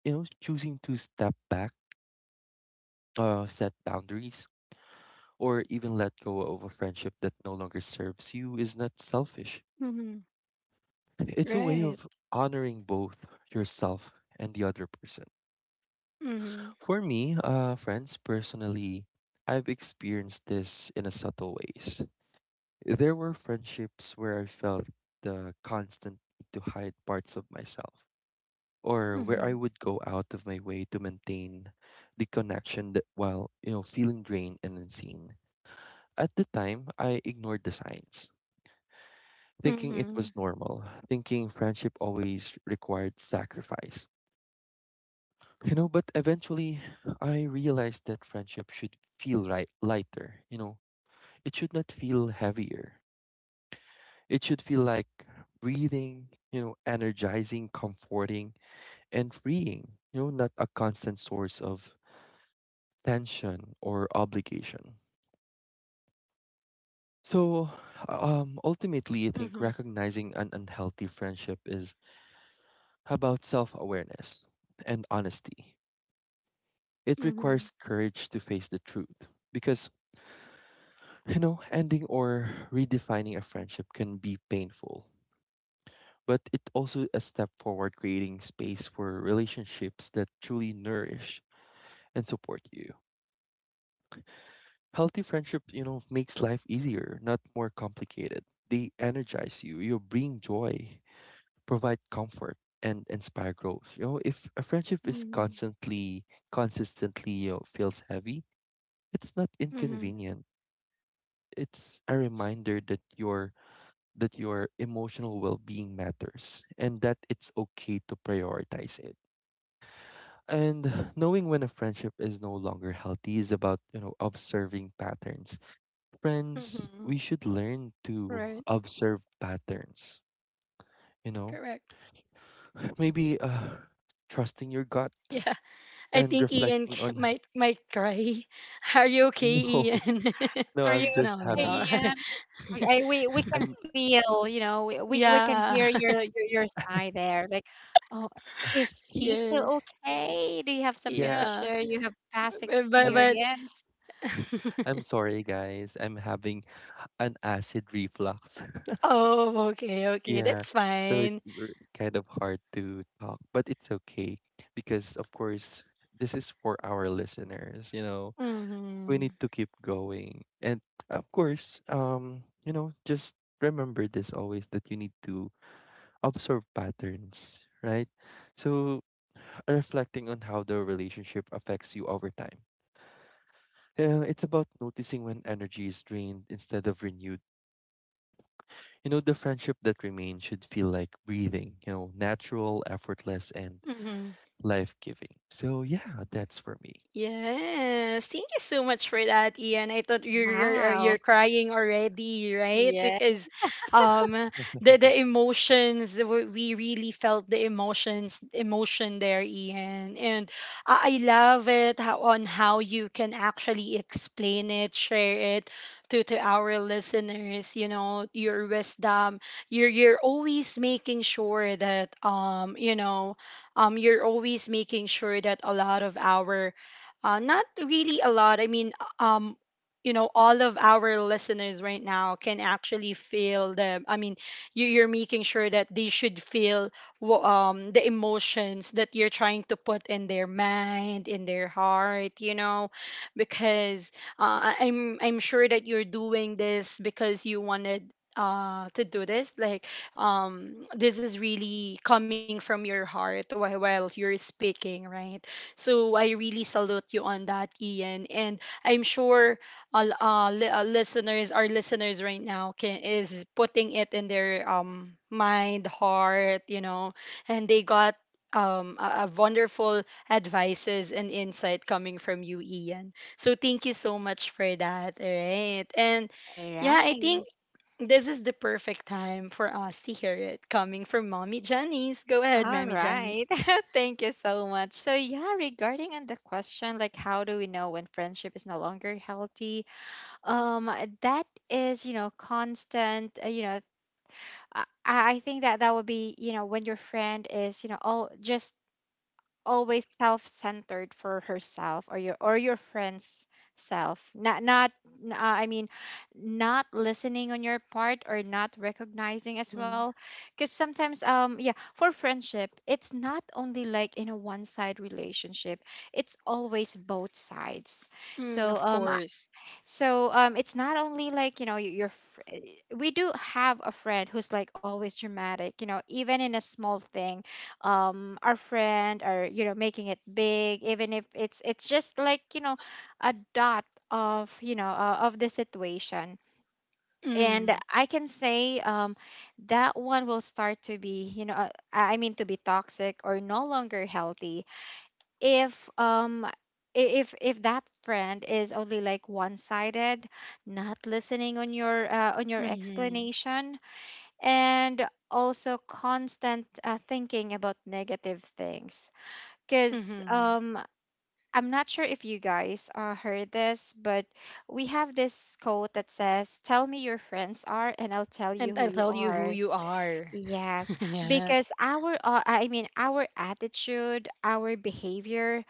Speaker 2: You know, choosing to step back, uh, set boundaries, or even let go of a friendship that no longer serves you is not selfish.
Speaker 1: Mhm.
Speaker 2: It's a way
Speaker 1: Right.
Speaker 2: of honoring both yourself and the other person.
Speaker 1: Mhm.
Speaker 2: For me, uh, friends, personally, I've experienced this in a subtle ways. There were friendships where I felt the constant need to hide parts of myself, or where I
Speaker 1: Mhm.
Speaker 2: would go out of my way to maintain the connection that, while you know feeling drained and unseen. At the time, I ignored the signs, thinking it was
Speaker 1: Mhm.
Speaker 2: normal, thinking friendship always required sacrifice. You know, but eventually I realized that friendship should feel right lighter. You know, it should not feel heavier. It should feel like breathing, you know, energizing, comforting, and freeing, you know, not a constant source of tension or obligation. So, um, ultimately, I think
Speaker 1: Mhm.
Speaker 2: recognizing an unhealthy friendship is about self awareness and honesty. It requires
Speaker 1: Mhm.
Speaker 2: courage to face the truth because you know, ending or redefining a friendship can be painful, but it also a step forward creating space for relationships that truly nourish and support you. Healthy friendship, you know, makes life easier, not more complicated. They energize you, you bring joy, provide comfort and inspire growth. You know, if a friendship is
Speaker 1: Mhm.
Speaker 2: constantly consistently you know, feels heavy, it's not
Speaker 1: Mhm.
Speaker 2: inconvenient. It's a reminder that you're that your emotional well-being matters and that it's okay to prioritize it. And knowing when a friendship is no longer healthy is about, you know, observing patterns.
Speaker 1: Mhm.
Speaker 2: Friends, we should learn
Speaker 1: Right.
Speaker 2: to observe patterns, you know?
Speaker 1: Correct.
Speaker 2: Maybe uh trusting your gut
Speaker 1: Yeah. I
Speaker 2: and
Speaker 1: think Ian
Speaker 2: reflecting
Speaker 1: ca-
Speaker 2: on…
Speaker 1: might might cry. Are you okay,
Speaker 2: No,
Speaker 1: Ian?
Speaker 2: no,
Speaker 3: Are you
Speaker 2: I'm just
Speaker 1: No,
Speaker 3: okay,
Speaker 2: having…
Speaker 1: no.
Speaker 3: Ian? I, I, we we can
Speaker 2: I'm
Speaker 3: feel, you know, we, we, we can hear
Speaker 1: Yeah.
Speaker 3: your, your your sigh there. Like, oh, is he
Speaker 1: Yes.
Speaker 3: still okay? Do you have something to
Speaker 2: Yeah,
Speaker 1: Yeah.
Speaker 3: share? You have past
Speaker 1: But but,
Speaker 2: I'm
Speaker 1: but
Speaker 3: experience?
Speaker 2: I'm sorry guys. I'm having an acid reflux.
Speaker 1: oh, okay, okay.
Speaker 2: Yeah.
Speaker 1: That's
Speaker 2: So it's
Speaker 1: fine.
Speaker 2: r- kind of hard to talk, but it's okay because, of course, this is for our listeners. You know, we
Speaker 1: Mhm.
Speaker 2: need to keep going. And of course, um, you know, just remember this always that you need to observe patterns, right? So reflecting on how the relationship affects you over time. Yeah, it's about noticing when energy is drained instead of renewed. You know, the friendship that remains should feel like breathing, you know, natural, effortless, and
Speaker 1: Mhm.
Speaker 2: life giving. So, yeah, that's for me.
Speaker 1: Yes, thank you so much for that, Ian. I thought you're you're,
Speaker 3: Wow.
Speaker 1: you're crying already, right?
Speaker 3: Yeah.
Speaker 1: Because um, the the emotions w- we really felt the emotions emotion there, Ian. And I, I love it how on how you can actually explain it, share it to to our listeners. You know your wisdom. You're you're always making sure that um, you know, um, you're always making sure that a lot of our uh, not really a lot. I mean, uh, um, you know, all of our listeners right now can actually feel the. I mean, you, you're making sure that they should feel wh- um, the emotions that you're trying to put in their mind, in their heart. You know, because uh, I- I'm I'm sure that you're doing this because you wanted. Uh, to do this like um, this is really coming from your heart while, while you're speaking, right? So I really salute you on that, Ian. And I'm sure uh, l- uh, li- uh, listeners, our listeners right now, can is putting it in their um mind, heart, you know, and they got um a a wonderful advices and insight coming from you, Ian. So thank you so much for that. All right, and
Speaker 3: All
Speaker 1: yeah, I think.
Speaker 3: right.
Speaker 1: This is the perfect time for us to hear it coming from Mommy Janice. Go ahead,
Speaker 3: All
Speaker 1: Mommy
Speaker 3: right.
Speaker 1: Janice.
Speaker 3: Thank you so much. So yeah, regarding on the question like how do we know when friendship is no longer healthy? Um that is, you know, constant, uh, you know, I, I think that that would be, you know, when your friend is, you know, all just always self-centered for herself, or your or your friend's self, not not n- uh, I mean not listening on your part, or not recognizing as
Speaker 1: Mhm.
Speaker 3: well. Because sometimes um yeah, for friendship, it's not only like in a one side relationship, it's always both sides.
Speaker 1: Mm,
Speaker 3: so
Speaker 1: of
Speaker 3: um
Speaker 1: course.
Speaker 3: so um, it's not only like, you know, y- your. Fr- eh, we do have a friend who's like always dramatic, you know, even in a small thing. Um, our friend are you know making it big, even if it's it's just like, you know, a dot of, you know, uh, of the situation. And
Speaker 1: Mm,
Speaker 3: I can say um, that one will start to be, you know, uh, I mean, to be toxic or no longer healthy, if um i- if if that friend is only like one-sided, not listening on your, uh, on your
Speaker 1: mhm,
Speaker 3: explanation, and also constant, uh, thinking about negative things. Because
Speaker 1: mhm.
Speaker 3: um I'm not sure if you guys uh, heard this, but we have this quote that says, tell me your friends are, and I'll tell
Speaker 1: And
Speaker 3: you who
Speaker 1: I'll
Speaker 3: you
Speaker 1: tell you who
Speaker 3: are.
Speaker 1: you are.
Speaker 3: Yes. Because
Speaker 1: yes.
Speaker 3: our, uh, i mean our attitude, our behavior,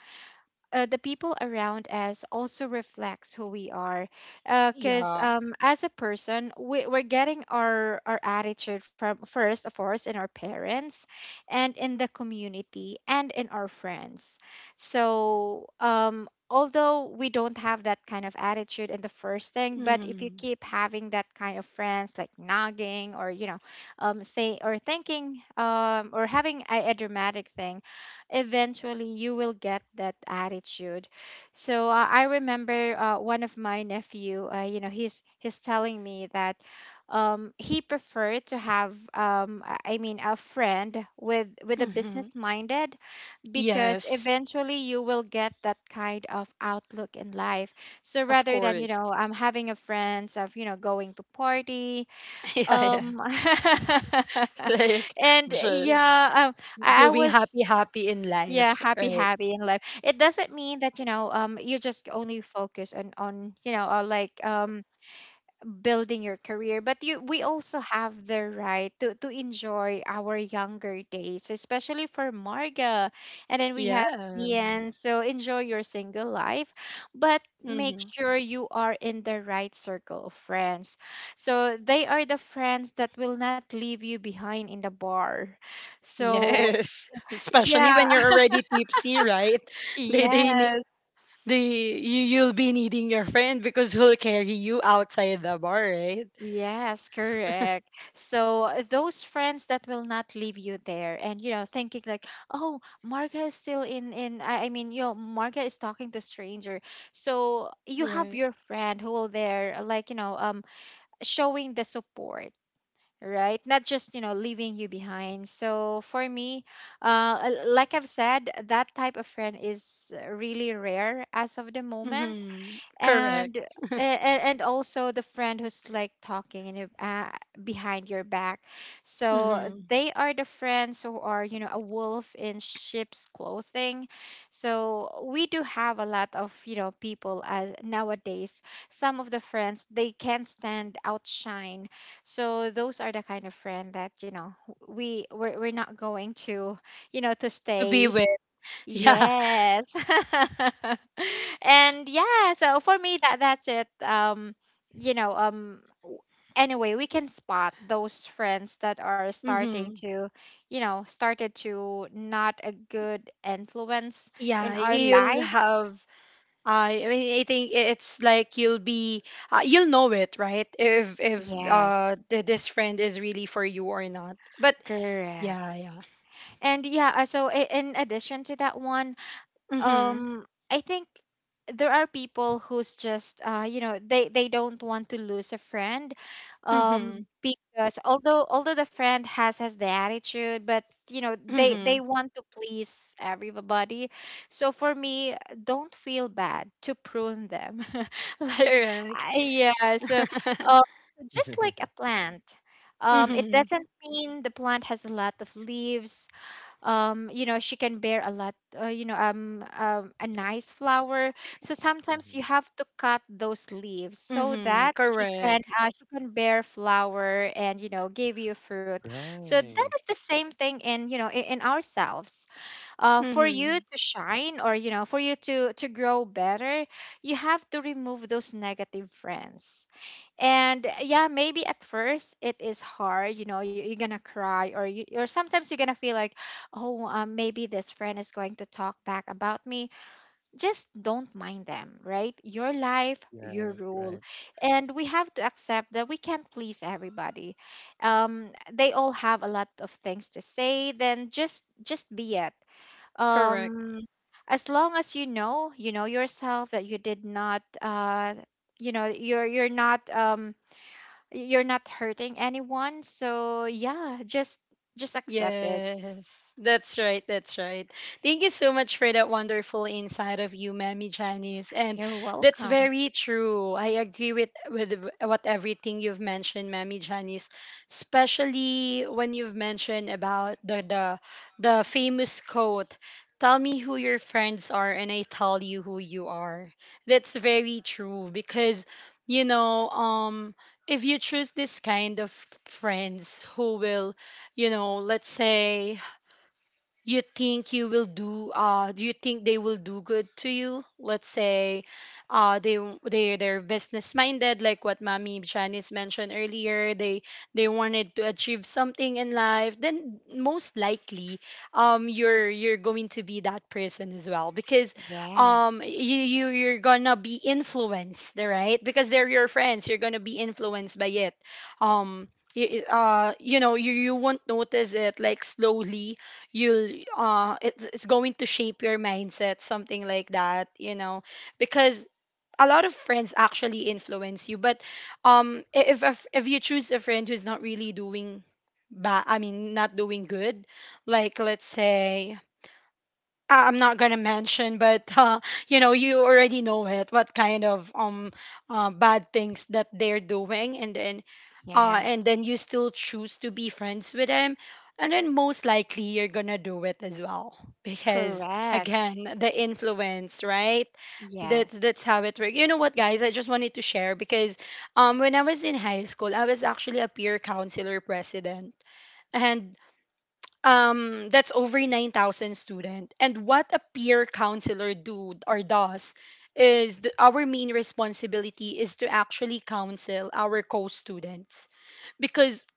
Speaker 3: uh, the people around us, also reflects who we are. Because
Speaker 1: Yeah.
Speaker 3: um, as a person, we, we're getting our our attitude from, first of course, in our parents, and in the community, and in our friends. So um, although we don't have that kind of attitude in the first thing, but if you
Speaker 1: Mhm,
Speaker 3: keep having that kind of friends, like nagging, or you know, um, say, or thinking, um, or having a, a dramatic thing, eventually you will get that attitude. So uh, I remember, uh, one of my nephew, uh, you know, he's he's telling me that, um, he preferred to have, um, i I mean, a friend with with a
Speaker 1: mhm.
Speaker 3: business minded, because
Speaker 1: Yes,
Speaker 3: eventually you will get that kind of outlook in life. So
Speaker 1: of
Speaker 3: rather than, you
Speaker 1: course.
Speaker 3: know, um, having a friends of, you know, going to party,
Speaker 1: yeah, yeah.
Speaker 3: um,
Speaker 1: Like
Speaker 3: and
Speaker 1: just
Speaker 3: yeah, um, I, I
Speaker 1: doing happy,
Speaker 3: was,
Speaker 1: happy in
Speaker 3: yeah,
Speaker 1: life,
Speaker 3: happy
Speaker 1: right?
Speaker 3: happy in life. It doesn't mean that, you know, um you just only focus on, on you know, uh, like um building your career, but you we also have The right to to enjoy our younger days, especially for Marga, and then we have
Speaker 1: Yes.
Speaker 3: Ian, so enjoy your single life, but make
Speaker 1: Mm-hmm.
Speaker 3: sure you are in the right circle of friends. So they are the friends that will not leave you behind in the bar. so
Speaker 1: Yes.
Speaker 3: yeah
Speaker 1: Especially when you're already tipsy, right? They, they, ne-
Speaker 3: Yes.
Speaker 1: they, you, you'll be needing your friend because he'll carry you outside the bar, right?
Speaker 3: Yes, correct. So uh, those friends that will not leave you there, and you know, thinking like, oh, Marga is still in in. I, I mean, you know, Marga is talking to stranger. So you have
Speaker 1: Right.
Speaker 3: your friend who will there, like you know, um, showing the support, right? Not just you know leaving you behind. So for me, uh, l- like I've said, that type of friend is uh, really rare as of the moment,
Speaker 1: Mm-hmm. Correct.
Speaker 3: and and, and also the friend who's like talking in your, uh, behind your back. So
Speaker 1: Mm-hmm.
Speaker 3: they are the friends who are, you know a wolf in sheep's clothing. So we do have a lot of, you know people as nowadays. Some of the friends, they can't stand outshine. So those are the kind of friend that, you know we we're, we're not going to, you know to
Speaker 1: To be
Speaker 3: stay.
Speaker 1: with. Yeah.
Speaker 3: Yes. And yeah, so for me, that that's it. Um, you know, um w- anyway, we can spot those friends that are starting
Speaker 1: Mm-hmm.
Speaker 3: to, you know, started to not a good influence
Speaker 1: Yeah,
Speaker 3: in our
Speaker 1: you'll
Speaker 3: lives.
Speaker 1: have. I I mean, I think i- it's like you'll be, uh, you'll know it, right? If if
Speaker 3: Yes,
Speaker 1: uh th- This friend is really for you or not. But
Speaker 3: correct.
Speaker 1: yeah, yeah.
Speaker 3: And yeah, uh, so i- in addition to that one,
Speaker 1: Mm-hmm.
Speaker 3: um I think there are people who's just uh you know, they they don't want to lose a friend,
Speaker 1: Mm-hmm.
Speaker 3: um because although although the friend has has the attitude, but you know, they
Speaker 1: Mm-hmm.
Speaker 3: they want to please everybody. So for me, don't feel bad to prune them like
Speaker 1: Correct.
Speaker 3: I, yeah. so um just like a plant. Um it
Speaker 1: mm-hmm.
Speaker 3: doesn't mean the plant has a lot of leaves. Um you know, she can bear a lot, uh, you know um, um a nice flower. So sometimes
Speaker 2: Mhm.
Speaker 3: you have to cut those leaves so
Speaker 1: Mm-hmm.
Speaker 3: that she can
Speaker 1: Correct.
Speaker 3: uh, she can bear flower and, you know, give you fruit. So that
Speaker 2: Right.
Speaker 3: is the same thing in, you know, in, in ourselves. Uh for you
Speaker 1: Mm-hmm.
Speaker 3: to shine, or, you know, for you to to grow better, you have to remove those negative friends. And uh, yeah, maybe at first it is hard. You know, you- you're gonna cry, or you, or sometimes you're gonna feel like, oh, um, maybe this friend is going to talk back about me. Just don't mind them. Right, your life,
Speaker 2: Yeah,
Speaker 3: your
Speaker 2: right.
Speaker 3: rule. And we have to accept that we can't please everybody. um they all have a lot of things to say, then just just be it.
Speaker 1: Correct.
Speaker 3: um as long as, you know, you know yourself that you did not uh you know, you're you're not um you're not hurting anyone. So yeah, just just accept it.
Speaker 1: Yes, that's right. That's right. Thank you so much for that wonderful insight of you, Mammy Janice. And
Speaker 3: You're
Speaker 1: that's
Speaker 3: welcome.
Speaker 1: very true. I agree with with what everything you've mentioned, Mammy Janice, especially when you've mentioned about the the the famous quote, "Tell me who your friends are, and I tell you who you are." That's very true because you know, um, if you choose this kind of friends who will you know, let's say you think you will do uh do you think they will do good to you, let's say uh they they they're business minded, like what Mommy Janice mentioned earlier. they they wanted to achieve something in life, then most likely um you're you're going to be that person as well. Because
Speaker 3: Yes.
Speaker 1: um you, you you're gonna be influenced, right? Because they're your friends, you're gonna be influenced by it. um you, uh you know you you won't notice it, like slowly you'll uh it's it's going to shape your mindset, something like that, you know, because a lot of friends actually influence you. But um i- if a f- if you choose a friend who's not really doing bad, i mean not doing good, like let's say, I- I'm not gonna mention, but uh, you know, you already know it. What kind of um uh, bad things that they're doing, and then uh, and
Speaker 3: Yes,
Speaker 1: then you still choose to be friends with them, and then most likely you're gonna do it as well because
Speaker 3: correct.
Speaker 1: again, the influence, right? That's
Speaker 3: Yes,
Speaker 1: that's how it works. You know what, guys? I just wanted to share because um when I was in high school, I was actually a peer counselor president, and um that's over nine thousand student, and what a peer counselor do or does is the, our main responsibility is to actually counsel our co-students. Because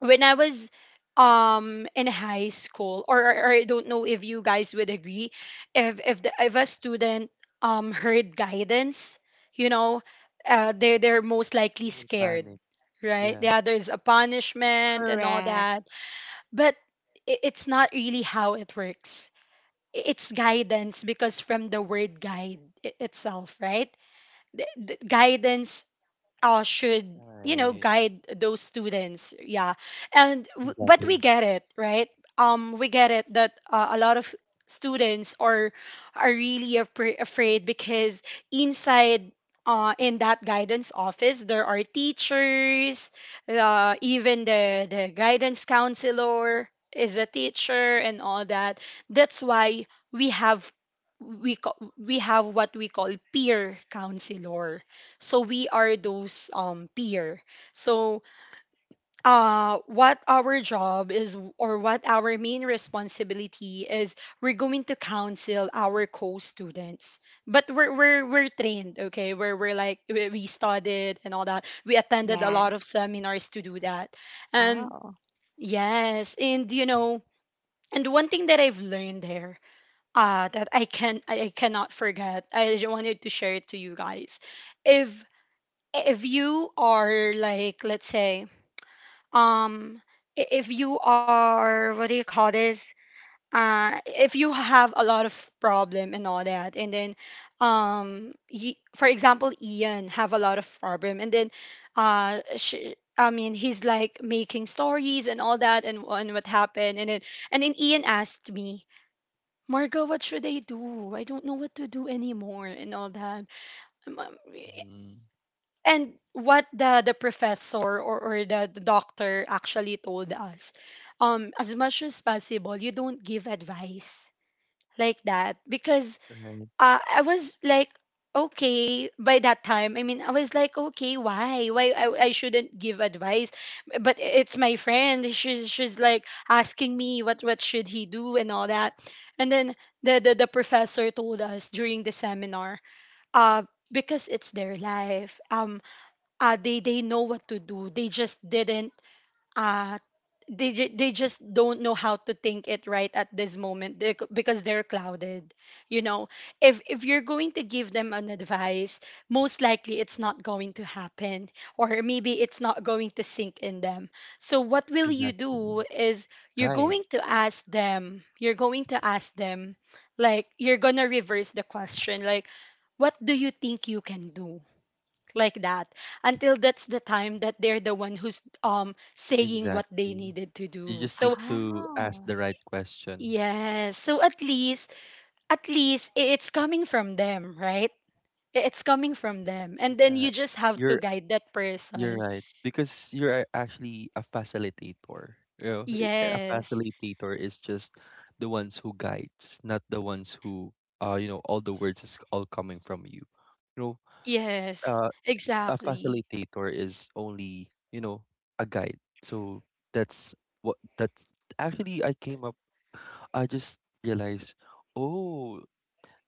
Speaker 1: when I was um in high school, or, or, or I don't know if you guys would agree, if if the, if a student um heard guidance, you know, uh, they they're they're most
Speaker 2: They
Speaker 1: likely
Speaker 2: will
Speaker 1: scared,
Speaker 2: panic.
Speaker 1: right?
Speaker 2: Yeah,
Speaker 1: Yeah, there's a punishment and all
Speaker 3: correct.
Speaker 1: that. But i- it's not really how it works. I- It's guidance, because from the word guide i- itself, right? The, the guidance uh, should, you know,
Speaker 2: right.
Speaker 1: guide those students, yeah. And w- but
Speaker 2: Exactly.
Speaker 1: we get it, right? Um we get it that uh, a lot of students are are really afra- afraid because inside uh, in that guidance office there are teachers, uh, even the the guidance counselor is a teacher and all that. That's why we have, we ca- we have what we call peer counselor. So we are those um peer. So uh what our job is, or what our main responsibility is, we're going to counsel our co-students. But we're we're, we're trained, okay? We're, we're like we, we studied and all that, we attended a lot
Speaker 3: Yes.
Speaker 1: of seminars to do that. um
Speaker 3: Oh.
Speaker 1: yes, and you know, and one thing that I've learned there, uh that i can i, I cannot forget, I just wanted to share it to you guys. if if you are, like let's say, um i- if you are, what do you call this, uh if you have a lot of problem and all that, and then um ye- for example, Ian have a lot of problem, and then uh sh I mean he's like making stories and all that, and, and what happened, and then, and then Ian asked me, Margo, what should I do? I don't know what to do anymore and all that. Um, um,
Speaker 2: Hmm.
Speaker 1: and what the the professor, or, or the, the doctor actually told us, um as much as possible, you don't give advice like that. Because
Speaker 2: Right.
Speaker 1: uh, I was like, okay. By that time, I mean, I was like, okay, why why i, I shouldn't give advice. But it's my friend, she's she's like asking me, what what should he do and all that. And then the the, the professor told us during the seminar uh because it's their life. um uh, they they know what to do. They just didn't uh they ju- they just don't know how to think it right at this moment, they c- because they're clouded. You know, if if you're going to give them an advice, most likely it's not going to happen, or maybe it's not going to sink in them. So what will you
Speaker 2: Exactly.
Speaker 1: do is, you're
Speaker 2: Guide.
Speaker 1: going to ask them, you're going to ask them like you're going to reverse the question, like, what do you think you can do? Like that, until that's the time that they're the one who's um saying what they
Speaker 2: Exactly.
Speaker 1: needed to
Speaker 2: You
Speaker 1: do.
Speaker 2: just need
Speaker 1: So
Speaker 2: to ask
Speaker 3: Oh,
Speaker 2: the right question.
Speaker 1: yes, so at least, at least i- it's coming from them, right? I- it's coming from them, and then
Speaker 2: Yeah.
Speaker 1: you just have to
Speaker 2: You're
Speaker 1: guide that
Speaker 2: You're
Speaker 1: person.
Speaker 2: right, because you're actually a facilitator. You know, i- a
Speaker 1: Yes,
Speaker 2: facilitator is just the ones who guides, not the ones who, uh, you know, all the words is all coming from you. You know,
Speaker 1: yes,
Speaker 2: uh, a
Speaker 1: exactly.
Speaker 2: facilitator is only, you know, a guide. So that's what that's actually I came up. I just realized, oh,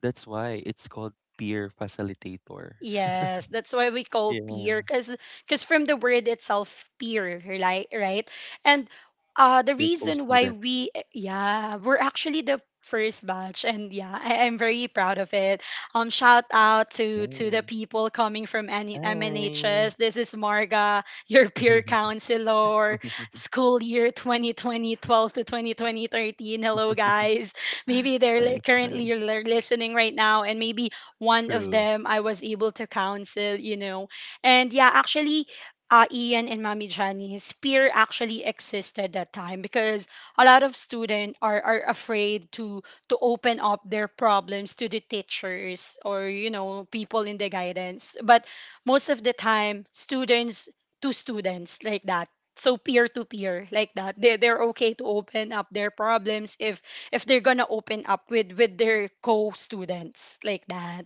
Speaker 2: that's why it's called peer facilitator.
Speaker 1: Yes, that's why we call
Speaker 2: Yeah,
Speaker 1: peer, cause, cause from the word itself, peer, right, right? And uh, the
Speaker 2: your
Speaker 1: reason why
Speaker 2: co-student.
Speaker 1: we, yeah, we're actually the first batch, and yeah, I, I'm very proud of it. Um, shout out to to the
Speaker 2: Nice.
Speaker 1: people coming from any
Speaker 2: Hi.
Speaker 1: M N H S. This is Marga, your peer counselor, school year twenty twenty to twenty twenty. Hello, guys. Maybe they're li-
Speaker 2: Nice, nice.
Speaker 1: currently li- listening right now, and maybe one of
Speaker 2: True.
Speaker 1: them I was able to counsel, you know. And yeah, actually, uh, Ian and Mami Jani's peer actually existed that time because a lot of students are, are afraid to to open up their problems to the teachers, or you know, people in the guidance, but most of the time students to students like that, so peer to peer like that, they, they're okay to open up their problems if if they're gonna open up with with their co-students like that.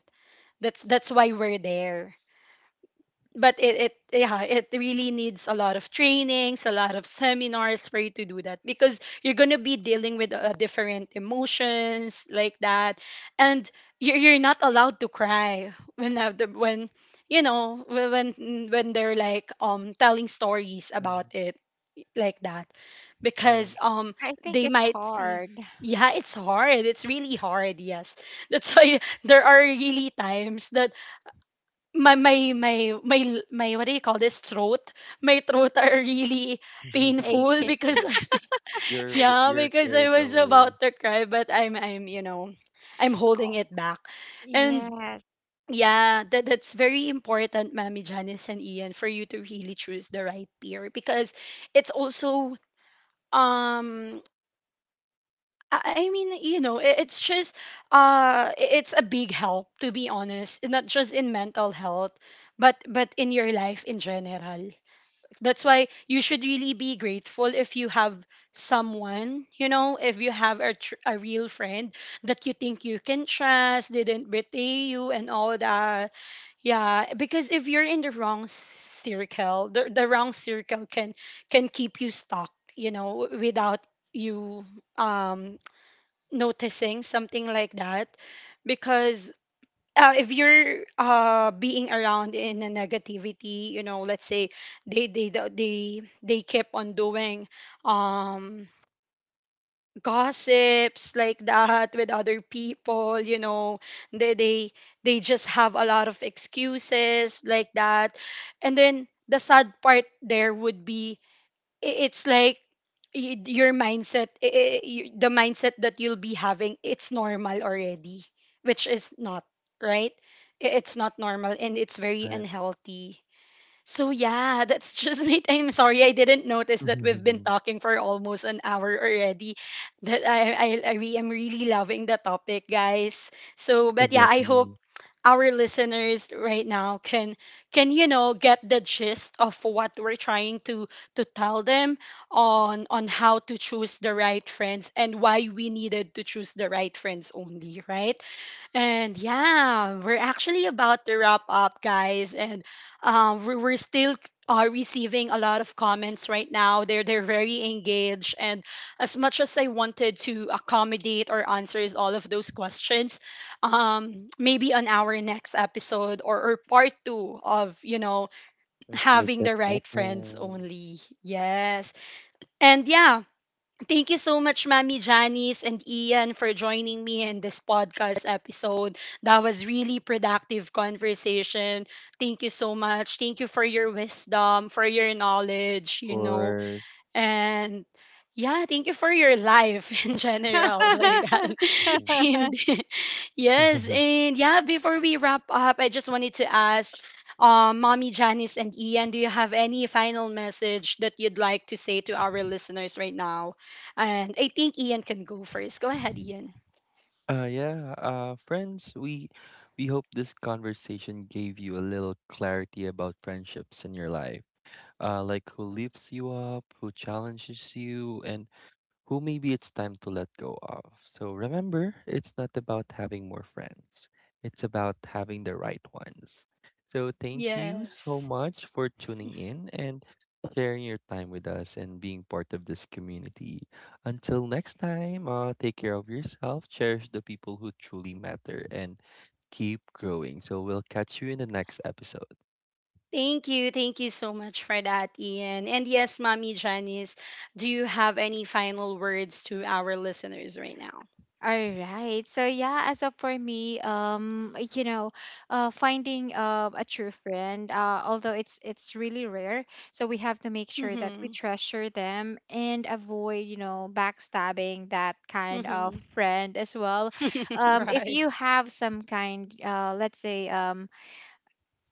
Speaker 1: That's that's why we're there. But it, it yeah, it really needs a lot of trainings, a lot of seminars for you to do that, because you're gonna be dealing with uh, different emotions like that, and you're you're not allowed to cry when, uh, the- when you know wh- when when they're like um telling stories
Speaker 2: Yeah,
Speaker 1: about it like that.
Speaker 3: i
Speaker 2: right.
Speaker 1: Because um
Speaker 3: i think
Speaker 1: they
Speaker 3: it's
Speaker 1: might see,
Speaker 3: hard.
Speaker 1: yeah, it's hard, it's really hard, yes. That's why there are really times that my my my my my what do you call this, throat, my throat are really painful
Speaker 3: Aching.
Speaker 1: because,
Speaker 2: Faking. You're v-
Speaker 1: yeah,
Speaker 2: you're
Speaker 1: because I
Speaker 2: carried
Speaker 1: was
Speaker 2: away,
Speaker 1: about to cry, but i'm i'm you know, I'm holding
Speaker 3: Oh,
Speaker 1: it back. And
Speaker 3: yes.
Speaker 1: yeah, that, that's very important, Mommy Janice and Ian, for you to really choose the right peer. Because it's also um I I mean, you know, i- it's just uh i- it's a big help, to be honest, not just in mental health, but but in your life in general. That's why you should really be grateful if you have someone, you know, if you have a tr- a real friend that you think you can trust, didn't betray you and all that. Yeah, because if you're in the wrong circle, the, the wrong circle can can keep you stuck, you know, without you um noticing something like that. Because uh, if you're uh, being around in a negativity, you know, let's say they they the- they they keep on doing um gossips like that with other people, you know, they they they just have a lot of excuses like that. And then the sad part there would be, I- it's like y- your mindset I- I- y- the mindset that you'll be having, it's normal already, which is not right. I- it's not normal, and it's very
Speaker 2: right?
Speaker 1: unhealthy. So yeah, that's just me. I'm sorry I didn't notice that we've been talking for almost an hour already. That I I, I re- am really loving the topic, guys. So but yeah, I hope
Speaker 2: Exactly.
Speaker 1: our listeners right now can can you know, get the gist of what we're trying to to tell them, on on how to choose the right friends, and why we needed to choose the right friends only, right? And yeah, we're actually about to wrap up, guys. And um, we- we're still uh, receiving a lot of comments right now. They're they're very engaged, and as much as I wanted to accommodate or answers all of those questions, um, maybe on our next episode, or, or part two of, you know,
Speaker 2: Let's make
Speaker 1: having
Speaker 2: that
Speaker 1: the right friends
Speaker 2: happen.
Speaker 1: only. Yes, and yeah, thank you so much, Mami Janice and Ian, for joining me in this podcast episode. That was really productive conversation. Thank you so much. Thank you for your wisdom, for your knowledge,
Speaker 2: Of
Speaker 1: you know.
Speaker 2: course.
Speaker 1: And yeah, thank you for your life in general, like that.
Speaker 2: Mhm.
Speaker 1: Hindi. Yes, and yeah, before we wrap up, I just wanted to ask, um, Mommy Janice and Ian, do you have any final message that you'd like to say to our listeners right now? And I think Ian can go first. Go ahead, Ian.
Speaker 2: Uh yeah, uh friends, we we hope this conversation gave you a little clarity about friendships in your life. Uh like who lifts you up, who challenges you, and who maybe it's time to let go of. So remember, it's not about having more friends, it's about having the right ones. So thank you so
Speaker 1: Yes.
Speaker 2: much for tuning in and sharing your time with us and being part of this community. Until next time, uh, take care of yourself, cherish the people who truly matter, and keep growing. So we'll catch you in the next episode.
Speaker 1: Thank you. Thank you so much for that, Ian. And yes, Mommy Janice, do you have any final words to our listeners right now?
Speaker 3: All right. So yeah, as of for me, um, you know, uh, finding uh, a true friend, uh, although it's it's really rare, so we have to make sure that we
Speaker 1: Mm-hmm.
Speaker 3: treasure them and avoid, you know, backstabbing that kind of friend as well.
Speaker 1: Mm-hmm.
Speaker 3: Um, if
Speaker 1: right.
Speaker 3: you have some kind, uh, let's say, um,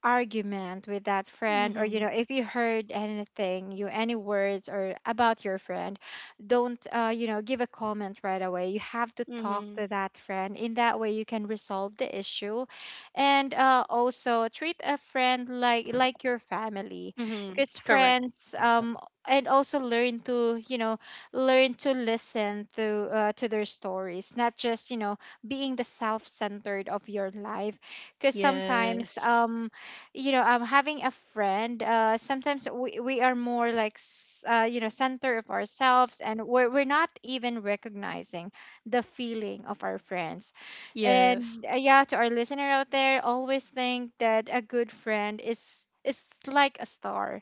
Speaker 3: argument with that friend, or you
Speaker 1: Mm-hmm.
Speaker 3: know, if you heard anything you any words or about your friend, don't uh, you know, give a comment right away. You have to talk to
Speaker 1: Mm-hmm.
Speaker 3: that friend, in that way you can resolve the issue. And uh, also treat a friend like like your family,
Speaker 1: Mm-hmm.
Speaker 3: because
Speaker 1: Correct.
Speaker 3: friends um and also learn to, you know, learn to listen to uh, to their stories, not just, you know, being the self-centered of your life, because sometimes
Speaker 1: Yes.
Speaker 3: um you know, um having a friend, uh sometimes we, we are more like s- uh, you know, center of ourselves, and we're, we're not even recognizing the feeling of our friends.
Speaker 1: Yes,
Speaker 3: And uh, yeah, to our listener out there, always think that a good friend is is like a star.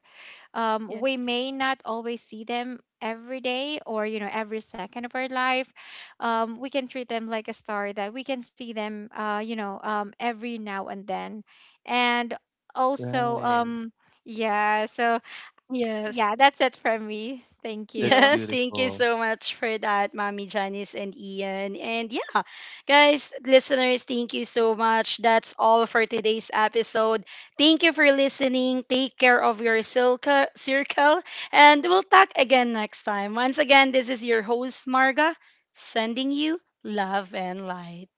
Speaker 3: um, we
Speaker 1: yes,
Speaker 3: may not always see them every day, or, you know, every second of our life. um, we can treat them like a star, that we can see them, uh, you know um, every now and then. And also
Speaker 2: Right.
Speaker 3: um, yeah, so
Speaker 1: yes,
Speaker 3: yeah,
Speaker 1: t-
Speaker 3: that's it from me. Thank
Speaker 2: That's
Speaker 3: you.
Speaker 1: yes. Thank you
Speaker 2: beautiful.
Speaker 1: so much for that, Mommy Janice and Ian. And yeah, guys, listeners, thank you so much. That's all for today's episode. Thank you for listening. Take care of your circle, circle, and we'll talk again next time. Once again, this is your host, Marga, sending you love and light.